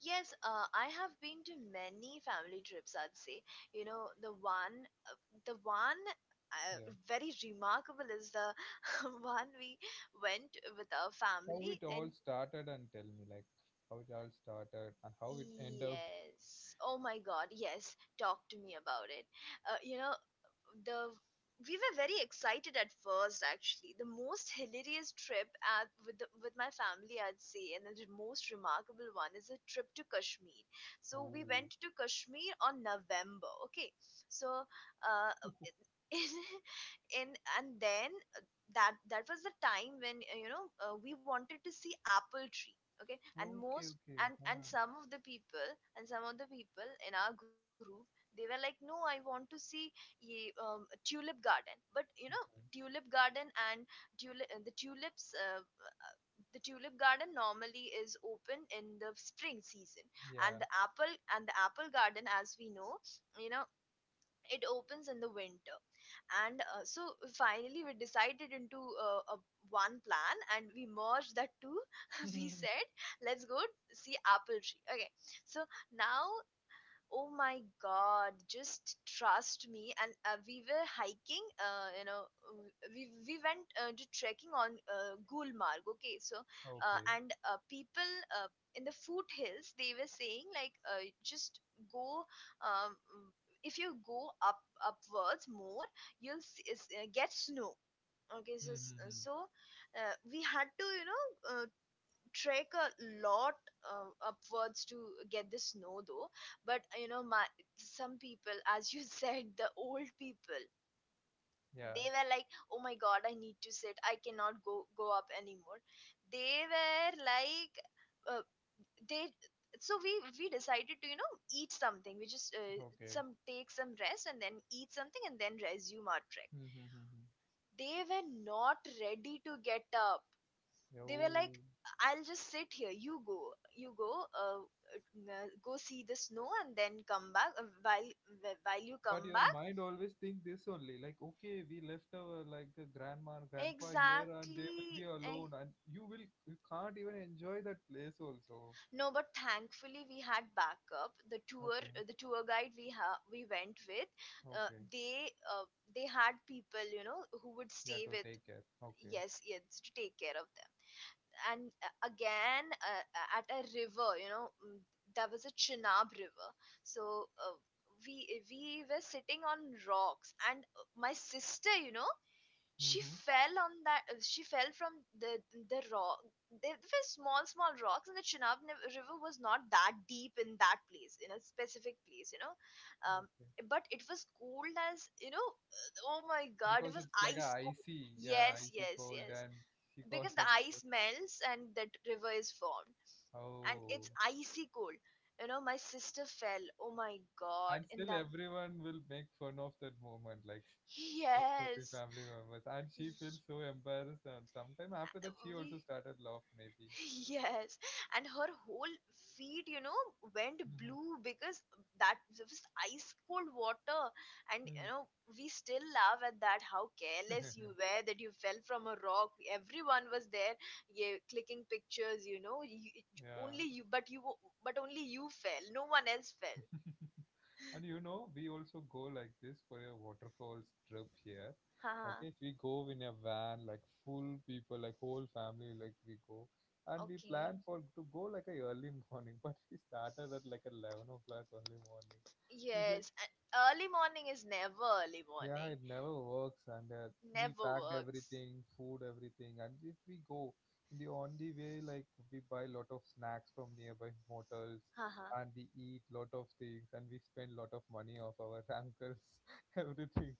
S1: Yes, I have been to many family trips, I'd say. You know, the one
S2: Yeah.
S1: uh, very remarkable is the one we went with our
S2: How it
S1: family and
S2: all started and tell me, like how it all started and how it end up.
S1: Yes. Oh my God. Yes. Talk to me about it. You know, the We were very excited at first, actually the most hilarious trip at, with the, with my family I'd say, and the most remarkable one is a trip to Kashmir. So we went
S2: Oh,
S1: to Kashmir on November. Okay. So, uh, in, in and then uh, that that was the time when we wanted to see apple tree. Okay. And
S2: okay,
S1: most
S2: okay.
S1: and
S2: Ah,
S1: some of the people, and some of the people in our group, they were like, no, I want to see tulip garden. But you know,
S2: okay.
S1: tulip garden, and tulips, the tulip garden normally is open in the spring season, and
S2: Yeah.
S1: the apple garden, as we know, you know, it opens in the winter. And so finally we decided into a one plan, and we merged that two. We said, let's go see apple tree. Okay. So now. Oh my God, just trust me. And we were hiking, we went to trekking on Gulmarg, okay? So,
S2: Okay.
S1: and people in the foothills, they were saying, like, just go, um, mm, if you go up upwards more, you'll get snow. Okay, so so
S2: Mm-hmm.
S1: we had to, you know, trek a lot upwards to get the snow though. But you know, my some people, as you said, the old people,
S2: Yeah.
S1: they were like, oh my god, I need to sit, I cannot go up anymore. They were like, uh, they so we decided to, you know, eat something. We just
S2: Okay.
S1: some take some rest and then eat something and then resume our trek.
S2: Mm-hmm.
S1: They were not ready to get up. They were
S2: Oh.
S1: like, I'll just sit here, you go, you go, go see the snow and then come back. While while you
S2: But
S1: come
S2: your
S1: back,
S2: mind always think this only, like, okay, we left our like grandma and grandpa here, and they will be
S1: exactly. eh,
S2: alone, and you can't even enjoy that place also.
S1: no, but thankfully we had backup. The tour,
S2: Okay,
S1: guide we we went with, uh,
S2: okay,
S1: they uh, they had people, you know, who would
S2: yeah,
S1: stay
S2: to
S1: with.
S2: take care. Okay,
S1: Yes, yes, to take care of them. And again at a river, you know, there was a Chenab river. So we we were sitting on rocks, and my sister, you know, she
S2: mm-hmm.
S1: fell on that, she fell from the the rock. They were small small rocks, and the Chenab river was not that deep in that place, in a specific place, you know. um,
S2: Okay,
S1: but it was cold, as you know, oh my god it
S2: because
S1: was
S2: it's like a
S1: ice cold.
S2: icy, yeah,
S1: Yes,
S2: icy
S1: yes,
S2: cold,
S1: yes,
S2: and she got
S1: because the
S2: like,
S1: ice melts and that river is formed, and
S2: oh,
S1: it's icy cold. You know, my sister fell, oh my god,
S2: and
S1: in
S2: still
S1: that.
S2: everyone will make fun of that moment, like most of the
S1: Yes.
S2: family members, and
S1: Y-
S2: she feels so embarrassed, and sometime after that she
S1: we
S2: also started laugh maybe.
S1: Yes, and her whole feet, you know, went blue because that was ice cold water. And you
S2: Hmm.
S1: know, we still laugh at that, how careless you were that you fell from a rock. Everyone was there, yeah, clicking pictures, you know. You,
S2: Yeah.
S1: only you, but you, but only you fell. No one else fell.
S2: And you know, we also go like this for a waterfalls trip here.
S1: Haha.
S2: Okay, if we go in a van, like full people, like whole family, like we go, and we
S1: Okay.
S2: plan for to go like a early morning, but we started at like 11 o'clock early morning. We said,
S1: Yes, and early morning is never early
S2: yeah,
S1: morning.
S2: it never works, and we
S1: Never
S2: packed
S1: works.
S2: everything, food, everything, and if we go in the on the way, like we buy lot of snacks from nearby hotels,
S1: Haha.
S2: and we eat lot of things, and we spend lot of money of our uncles, everything,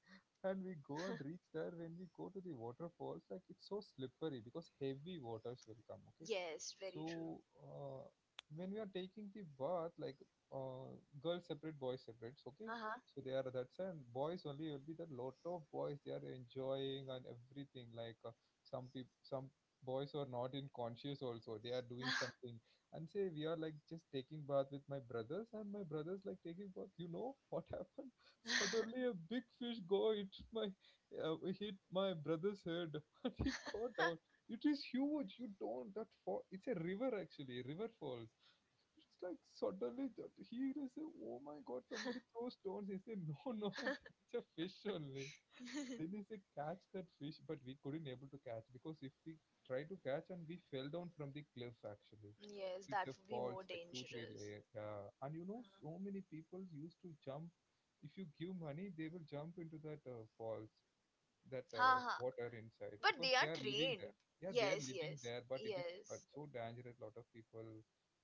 S2: and we go and reach there. When we go to the waterfalls, like it's so slippery because heavy waters will come. Okay,
S1: Yes, very true.
S2: so when we are taking the bath, like, uh, girls separate, boys separate. Okay,
S1: Haha.
S2: so they are that's and boys only will be the lot of boys they are enjoying and everything like, some people, some boys are not in conscious also, they are doing something. And say we are like just taking bath with my brothers, and my brothers like taking bath, you know what happened? Suddenly a big fish go hit my, hit my brother's head, and he got out. It is huge. You don't, that fall, it's a river, actually river falls. It's like suddenly that he, they say, "Oh my God, somebody throw stones." He said, "No, no, that's a fish only." Then he said, "Catch that fish," but we couldn't able to catch because if we try to catch, and we fell down from the cliff actually.
S1: Yes,
S2: So it's
S1: that
S2: a
S1: would be
S2: falls
S1: more
S2: like 2 3
S1: dangerous.
S2: layer. Yeah, and you know so many people used to jump. If you give money, they will jump into that falls, that
S1: Haha,
S2: water inside,
S1: but
S2: because
S1: they
S2: they
S1: are
S2: are living
S1: trained.
S2: there. Yeah, they are
S1: Yes,
S2: living
S1: yes,
S2: there, but it is but
S1: yes.
S2: so dangerous. Lot of people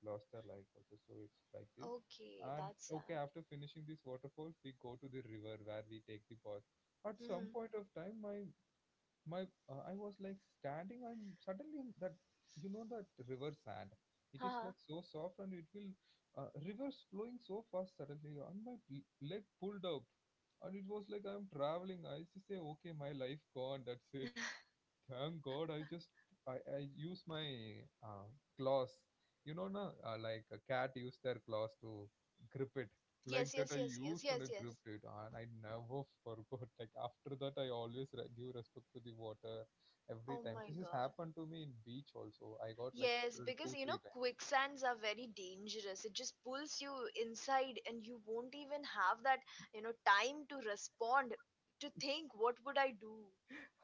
S2: lost their life also. So it's like this.
S1: Okay,
S2: And
S1: that's
S2: okay,
S1: sad.
S2: after finishing these waterfalls, we go to the river where we take the bath. At some
S1: Mm-hmm.
S2: point of time, my I was like standing, and suddenly that, you know, that river sand, it is
S1: Haha.
S2: like so soft, and it will, rivers flowing so fast suddenly, and my leg pulled up, and it was like I'm traveling. I used to say okay, my life gone, that's it. Thank God, I just, I use my uh, claws. You know, na, like a cat use their claws to grip it.
S1: Yes, yes, yes,
S2: Like that,
S1: yes,
S2: I
S1: yes, yes.
S2: used and I gripped it, and I never forgot. Like after that, I always give respect to the water every
S1: Oh
S2: time.
S1: my
S2: This has
S1: god.
S2: happened to me in beach also. I got like
S1: Yes,
S2: squirrel
S1: because
S2: two
S1: you know,
S2: three times.
S1: quicksands are very dangerous. It just pulls you inside, and you won't even have that, you know, time to respond, to think, what would I do?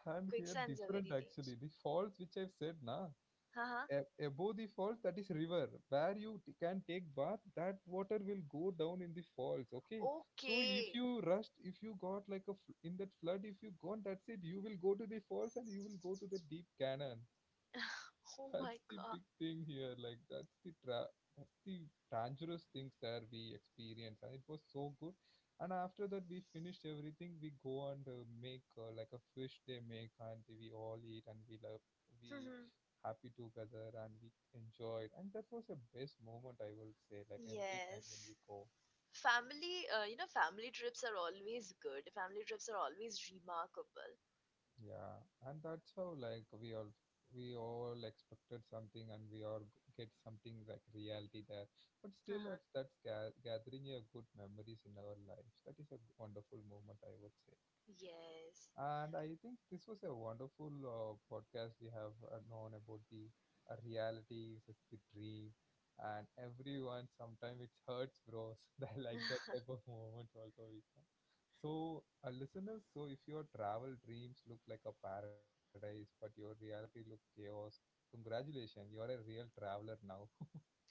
S2: And here
S1: Quicksands are
S2: different
S1: very
S2: actually.
S1: dangerous.
S2: The falls which I've said, na.
S1: Haha.
S2: A- above the falls that is river where you can take bath. That water will go down in the falls. Okay, so if
S1: Okay.
S2: you rushed, if you got like a in that flood, if you gone, that's it. You will go to the falls, and you will go to the deep canyon.
S1: Oh
S2: That's
S1: my
S2: the
S1: god.
S2: big thing here. Like that's the that's the dangerous things that we experience, and it was so good. And after that, we finished everything. We go and make like a fish they make, and we all eat, and we love, we
S1: Mhm.
S2: happy together, and we enjoyed. And that was the best moment I will say. Like every time when
S1: Yes.
S2: we go.
S1: Family, family trips are always good. Family trips are always remarkable.
S2: Yeah, and that's how like we all, we all expected something, and we all get something like reality there. But still,
S1: Uh-huh.
S2: it's that's gathering a good memories in our lives. That is a wonderful moment, I would say.
S1: Yes.
S2: And I think this was a wonderful podcast. We have known about the reality versus the dream, and everyone, sometimes it hurts, bros. I like that type of moments also we have. So, listeners, so if your travel dreams look like a paradise, but your reality look chaos, congratulations, you're a real traveler now.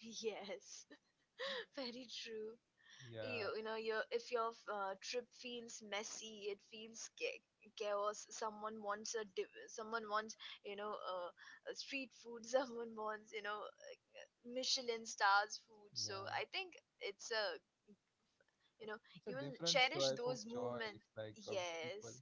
S1: Yes. Very true.
S2: Yeah,
S1: You know, your if your trip feels messy, it feels chaos. Someone wants a someone wants, you know, uh, street food. Someone wants, you know, Michelin stars food. So
S2: yeah.
S1: I think it's a, you know,
S2: It's a
S1: you will
S2: different
S1: cherish
S2: type of
S1: those
S2: joy.
S1: moments.
S2: It's like of people.
S1: Yes.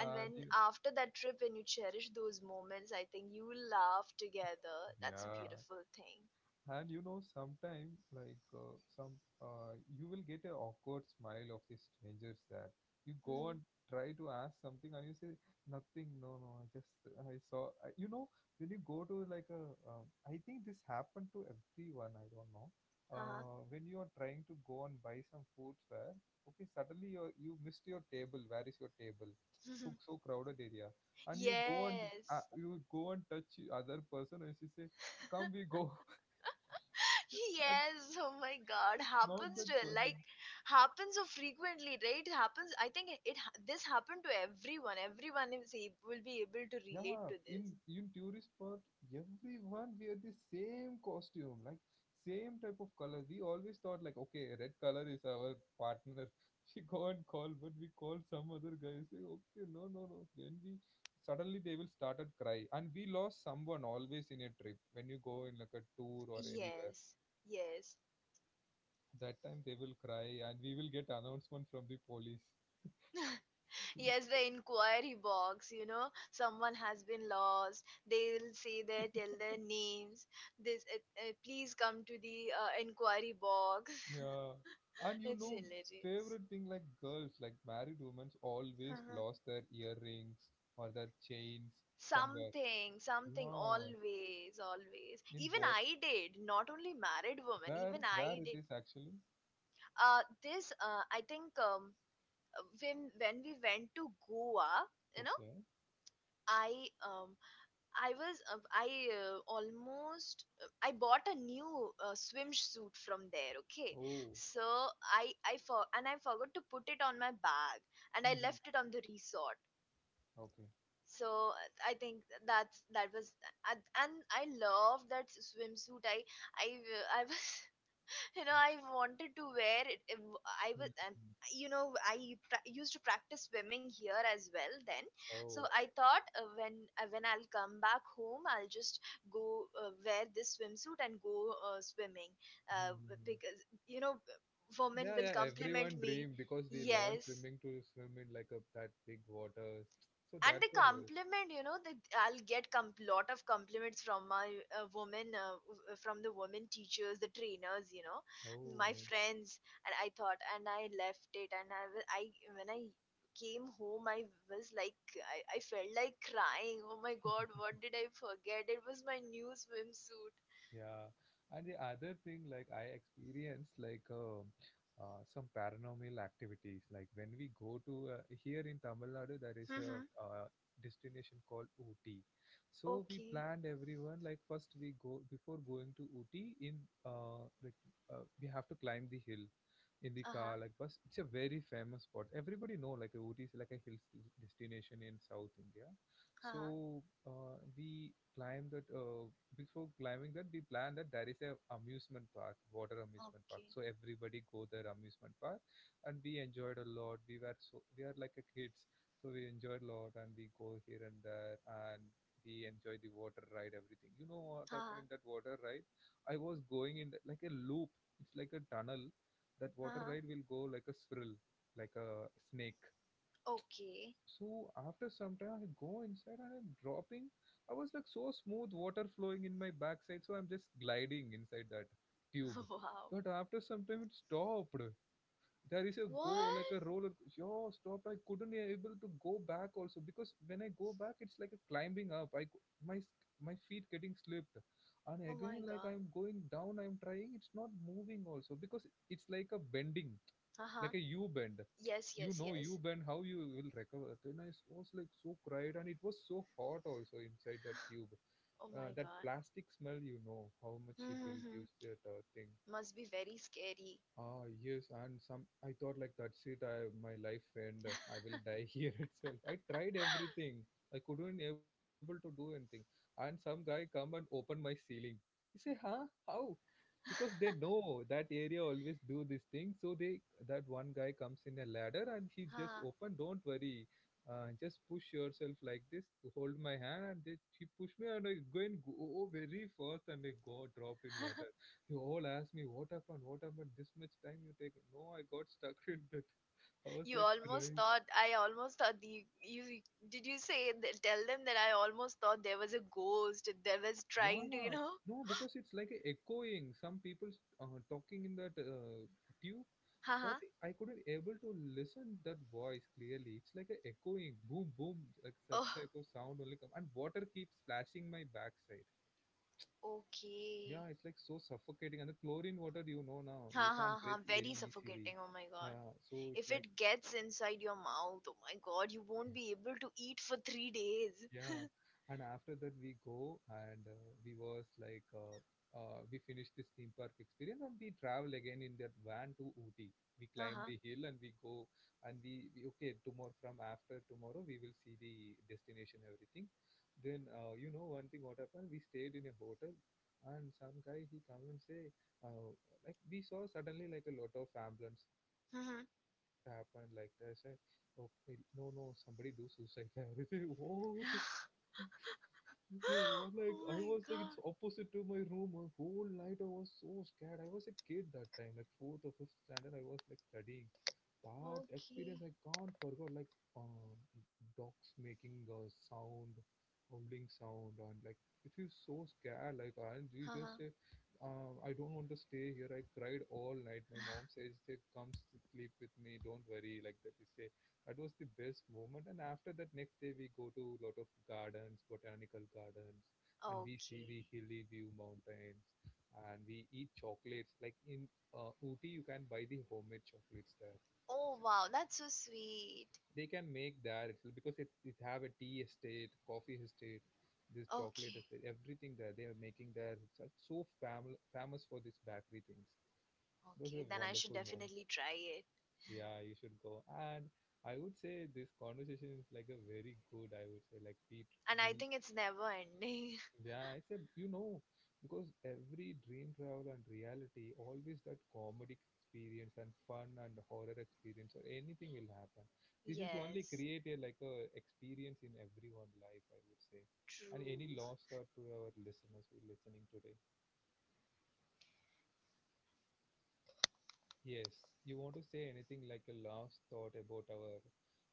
S1: And when
S2: they,
S1: after that trip, when you cherish those moments, I think you will laugh together. That's a
S2: yeah,
S1: beautiful thing.
S2: and you know sometime like some you will get an awkward smile of the strangers that you go
S1: Hmm.
S2: and try to ask something, and you say nothing, no no, I just, I saw, I, you know, when you go to like a I think this happened to everyone, I don't know,
S1: Uh-huh.
S2: when you are trying to go and buy some food where, okay, suddenly you missed your table, where is your table, so so crowded area, and you go and,
S1: Yes.
S2: you go and touch other person, and she say come we go.
S1: Yes, oh my God,
S2: Not
S1: happens to
S2: that person.
S1: like happens so frequently, right? It happens. I think it ha- This happened to everyone. Will be able to relate
S2: Yeah,
S1: to
S2: in
S1: this.
S2: in tourist spot, everyone wear the same costume, like same type of color. We always thought like, okay, red color is our partner. We go and call, but we call some other guy. Say, okay, no, no, no. Then we, suddenly they will started cry, and we lost someone always in a trip. When you go in like a tour or anywhere,
S1: Yes, yes.
S2: that time they will cry, and we will get announcement from the police.
S1: Yes, the inquiry box, you know, someone has been lost. Tell their names. This, uh, Please come to the inquiry box.
S2: Yeah, and you
S1: It's
S2: know,
S1: hilarious.
S2: favorite thing like girls, like married women, always
S1: Uh-huh.
S2: lost their earrings or their chains somewhere.
S1: Something, something,
S2: Wow,
S1: always, always.
S2: in
S1: Even
S2: what?
S1: I did, not only married women,
S2: Where?
S1: even
S2: Where
S1: I
S2: it
S1: did.
S2: is actually?
S1: I think, when we went to Goa, you know,
S2: Okay.
S1: I um, I was I almost I bought a new swimsuit from there. Okay,
S2: Oh,
S1: so I forgot to put it on my bag and I
S2: hmm.
S1: left it on the resort.
S2: Okay.
S1: So I think that's that was and I love that swimsuit. I was. I wanted to wear it it w- I was
S2: Mhm.
S1: and Used to practice swimming here as well. Then so
S2: Oh.
S1: I thought when I'll come back home, I'll just go wear this swimsuit and go swimming
S2: Mhm.
S1: because, you know, women
S2: Yeah,
S1: will
S2: yeah.
S1: compliment
S2: Everyone
S1: me.
S2: dream because we learn
S1: Yes,
S2: swimming to swim in like a that big waters. So
S1: and the
S2: that's what every.
S1: compliment, you know, lot of compliments from my from the women teachers, the trainers, you know,
S2: Oh,
S1: my
S2: nice.
S1: friends. And I thought and I left it, and I wa- I when I came home, I was like, I felt like crying. Oh my god, what did I forget? It was my new swimsuit.
S2: Yeah, and the other thing, like I experienced like some paranormal activities. Like when we go to here in Tamil Nadu, there is
S1: Mm-hmm.
S2: a destination called Ooty. So we
S1: Okay.
S2: planned everyone like first we go before going to Ooty in, like, we have to climb the hill in the
S1: Uh-huh.
S2: car like bus. It's a very famous spot. Everybody know like Ooty is like a hill destination in South India.
S1: Uh-huh.
S2: So we climb that. Before climbing that, we plan that there is a amusement park, water amusement park.
S1: Okay.
S2: So everybody go there amusement park, and we enjoyed a lot. We were so, we are like a kids, so we enjoyed a lot, and we go here and there, and we enjoy the water ride, everything. You know what happened in
S1: Uh-huh.
S2: that water ride? I was going in the, like a loop. It's like a tunnel. That water
S1: Uh-huh.
S2: ride will go like a swirl, like a snake.
S1: Okay.
S2: So after some time I go inside and I'm dropping. I was like so smooth water flowing in my backside, so I'm just gliding inside that tube.
S1: Wow.
S2: But after some time it stopped. There is a go like
S1: What?
S2: a roller. Yo stopped, I couldn't be able to go back also, because when I go back it's like a climbing up. I cou- my s- My feet getting slipped, and
S1: Oh my
S2: again like
S1: god.
S2: I'm going down, I'm trying, it's not moving also, because it's like a bending,
S1: Uh-huh.
S2: like a U bend.
S1: Yes,
S2: you
S1: yes,
S2: know U
S1: yes.
S2: bend how you will recover? Then I was like so cried, and it was so hot also inside that tube.
S1: Oh my
S2: That
S1: god.
S2: plastic smell, you know how much it will give
S1: Mm-hmm.
S2: that thing.
S1: Must be very scary.
S2: Ah, yes, and some I thought like that's it. I my life and I will die here itself. I tried everything. I couldn't able to do anything. And some guy come and open my ceiling. He say, "Huh? How?" Because they know that area always do this thing, so they that one guy comes in a ladder and he just
S1: Huh.
S2: open, don't worry. Just push yourself like this, hold my hand, and they he pushed me, and I go and go very fast, and I got dropped in water. They all asked me what happened, what happened, this much time you take. No, I got stuck in that. I was
S1: you
S2: like
S1: almost
S2: crying.
S1: thought I almost thought the you Did you say that, tell them that I almost thought there was a ghost that was trying to,
S2: Yeah, no, because it's like a echoing some people talking in that tube. But
S1: Haha.
S2: I couldn't able to listen that voice clearly. It's like a echoing, boom boom, like such
S1: Oh,
S2: type of sound only come, and water keeps splashing my backside.
S1: okay.
S2: Yeah, it's like so suffocating, and the chlorine water, you know, now
S1: Ha
S2: you
S1: ha
S2: can't
S1: ha.
S2: breathe
S1: Very
S2: very easily.
S1: suffocating. Oh my god.
S2: So it's
S1: If
S2: like
S1: it gets inside your mouth, oh my god, you won't be able to eat for 3 days.
S2: yeah, and after that we go and we was like we finished this theme park experience, and we travel again in that van to Ooty. We
S1: Uh
S2: climb
S1: huh.
S2: the hill and we go, and we okay tomorrow, from after tomorrow we will see the destination everything. Then you know one thing what happened? We stayed in a hotel, and some guy he come and say uh, like we saw suddenly like a lot of ambulance sound everything. He
S1: Hmm.
S2: said what happened like that? I said okay, no no, somebody do suicide there. I said what? They were
S1: Oh
S2: like, I
S1: my
S2: was like,
S1: god.
S2: it's opposite to my room. My whole night I was so scared. I was a kid that time, like fourth or fifth standard. I was like studying. That
S1: Okay.
S2: experience I can't forget. Like dogs making a sound, howling sound, and like it is so scared. Like and we
S1: Haha.
S2: just say, I don't want to stay here. I cried all night. My mom says, they come sleep with me, don't worry. Like that was the best moment. And after that, next day we go to a lot of gardens, botanical gardens, and we see
S1: Okay.
S2: the hilly view mountains, and we eat chocolates. Like in Ooty, you can buy the homemade chocolates there.
S1: Oh
S2: It's-
S1: wow, that's so sweet.
S2: They can make there itself because it have a tea estate, coffee estate, this chocolate
S1: Okay.
S2: estate, everything there. They are making there. It's so famous for these bakery things. Those are
S1: Okay, then I should
S2: wonderful moments.
S1: definitely try it.
S2: Yeah, you should go. And I would say this conversation is like a very good, I would say, like
S1: And I
S2: we,
S1: think it's never ending.
S2: yeah, it's a, you know, because every dream travel and reality, always that comedic experience and fun and horror experience or anything will happen. This is only
S1: Yes,
S2: create a like a experience in everyone life, I would say. And
S1: true.
S2: any last thought to our listeners who are listening today? Yes, you want to say anything like a last thought about our,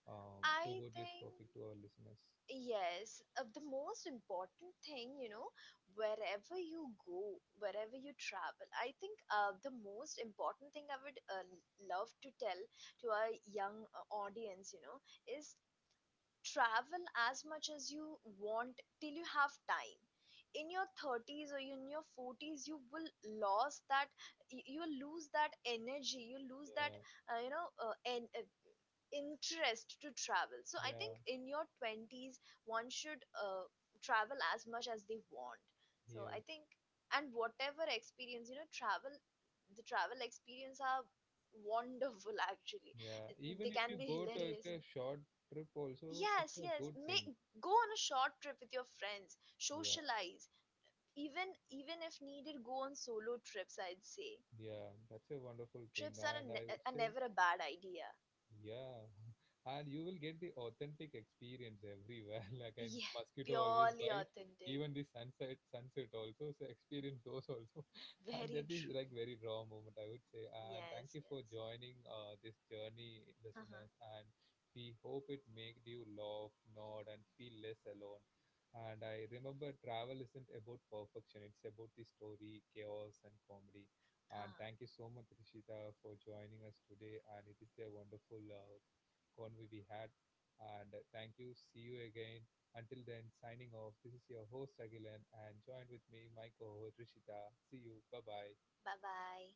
S1: I
S2: about this
S1: think
S2: topic to our listeners?
S1: yes, the most important thing, you know, wherever you go, wherever you travel, I think the most important thing I would love to tell to our young audience, you know, is travel as much as you want till you have time in your 30s or in your 40s. You will lose that You will lose that energy, you lose that
S2: Yeah,
S1: uh, you know uh, en- uh, interest to travel. So I think
S2: yeah,
S1: in your 20s one should travel as much as they want. So I
S2: yes,
S1: think and whatever experience, you know, travel, the travel experience are wonderful actually.
S2: yeah. Even
S1: They
S2: if
S1: can
S2: you
S1: be
S2: go to like
S1: hilarious.
S2: a short trip, also it's
S1: Yes,
S2: a
S1: yes.
S2: good thing.
S1: Make Go on a short trip with your friends,
S2: Yeah,
S1: socialize. Even if needed, go on solo trips, I'd say.
S2: yeah, that's a wonderful thing,
S1: Trips are, a
S2: and I
S1: ne-
S2: would
S1: are
S2: say
S1: never a bad idea.
S2: yeah, and you will get the authentic experience everywhere. Like and
S1: Yeah,
S2: mosquito always
S1: purely
S2: bite,
S1: authentic.
S2: even the sunset also. So experience those also, and
S1: Very
S2: that is
S1: true.
S2: like very raw moment I would say. And thank
S1: Yes,
S2: you for
S1: yes.
S2: joining this journey,
S1: Uh-huh.
S2: listeners. And we hope it made you laugh, nod, and feel less alone. And I remember travel isn't about perfection; it's about the story, chaos, and comedy. And
S1: Uh-huh.
S2: thank you so much, Rishita, for joining us today. And it is a wonderful convo we had. And thank you. See you again. Until then, signing off. This is your host, Agilan, and joined with me, my co host, Rishita. See you. Bye bye.
S1: Bye-bye.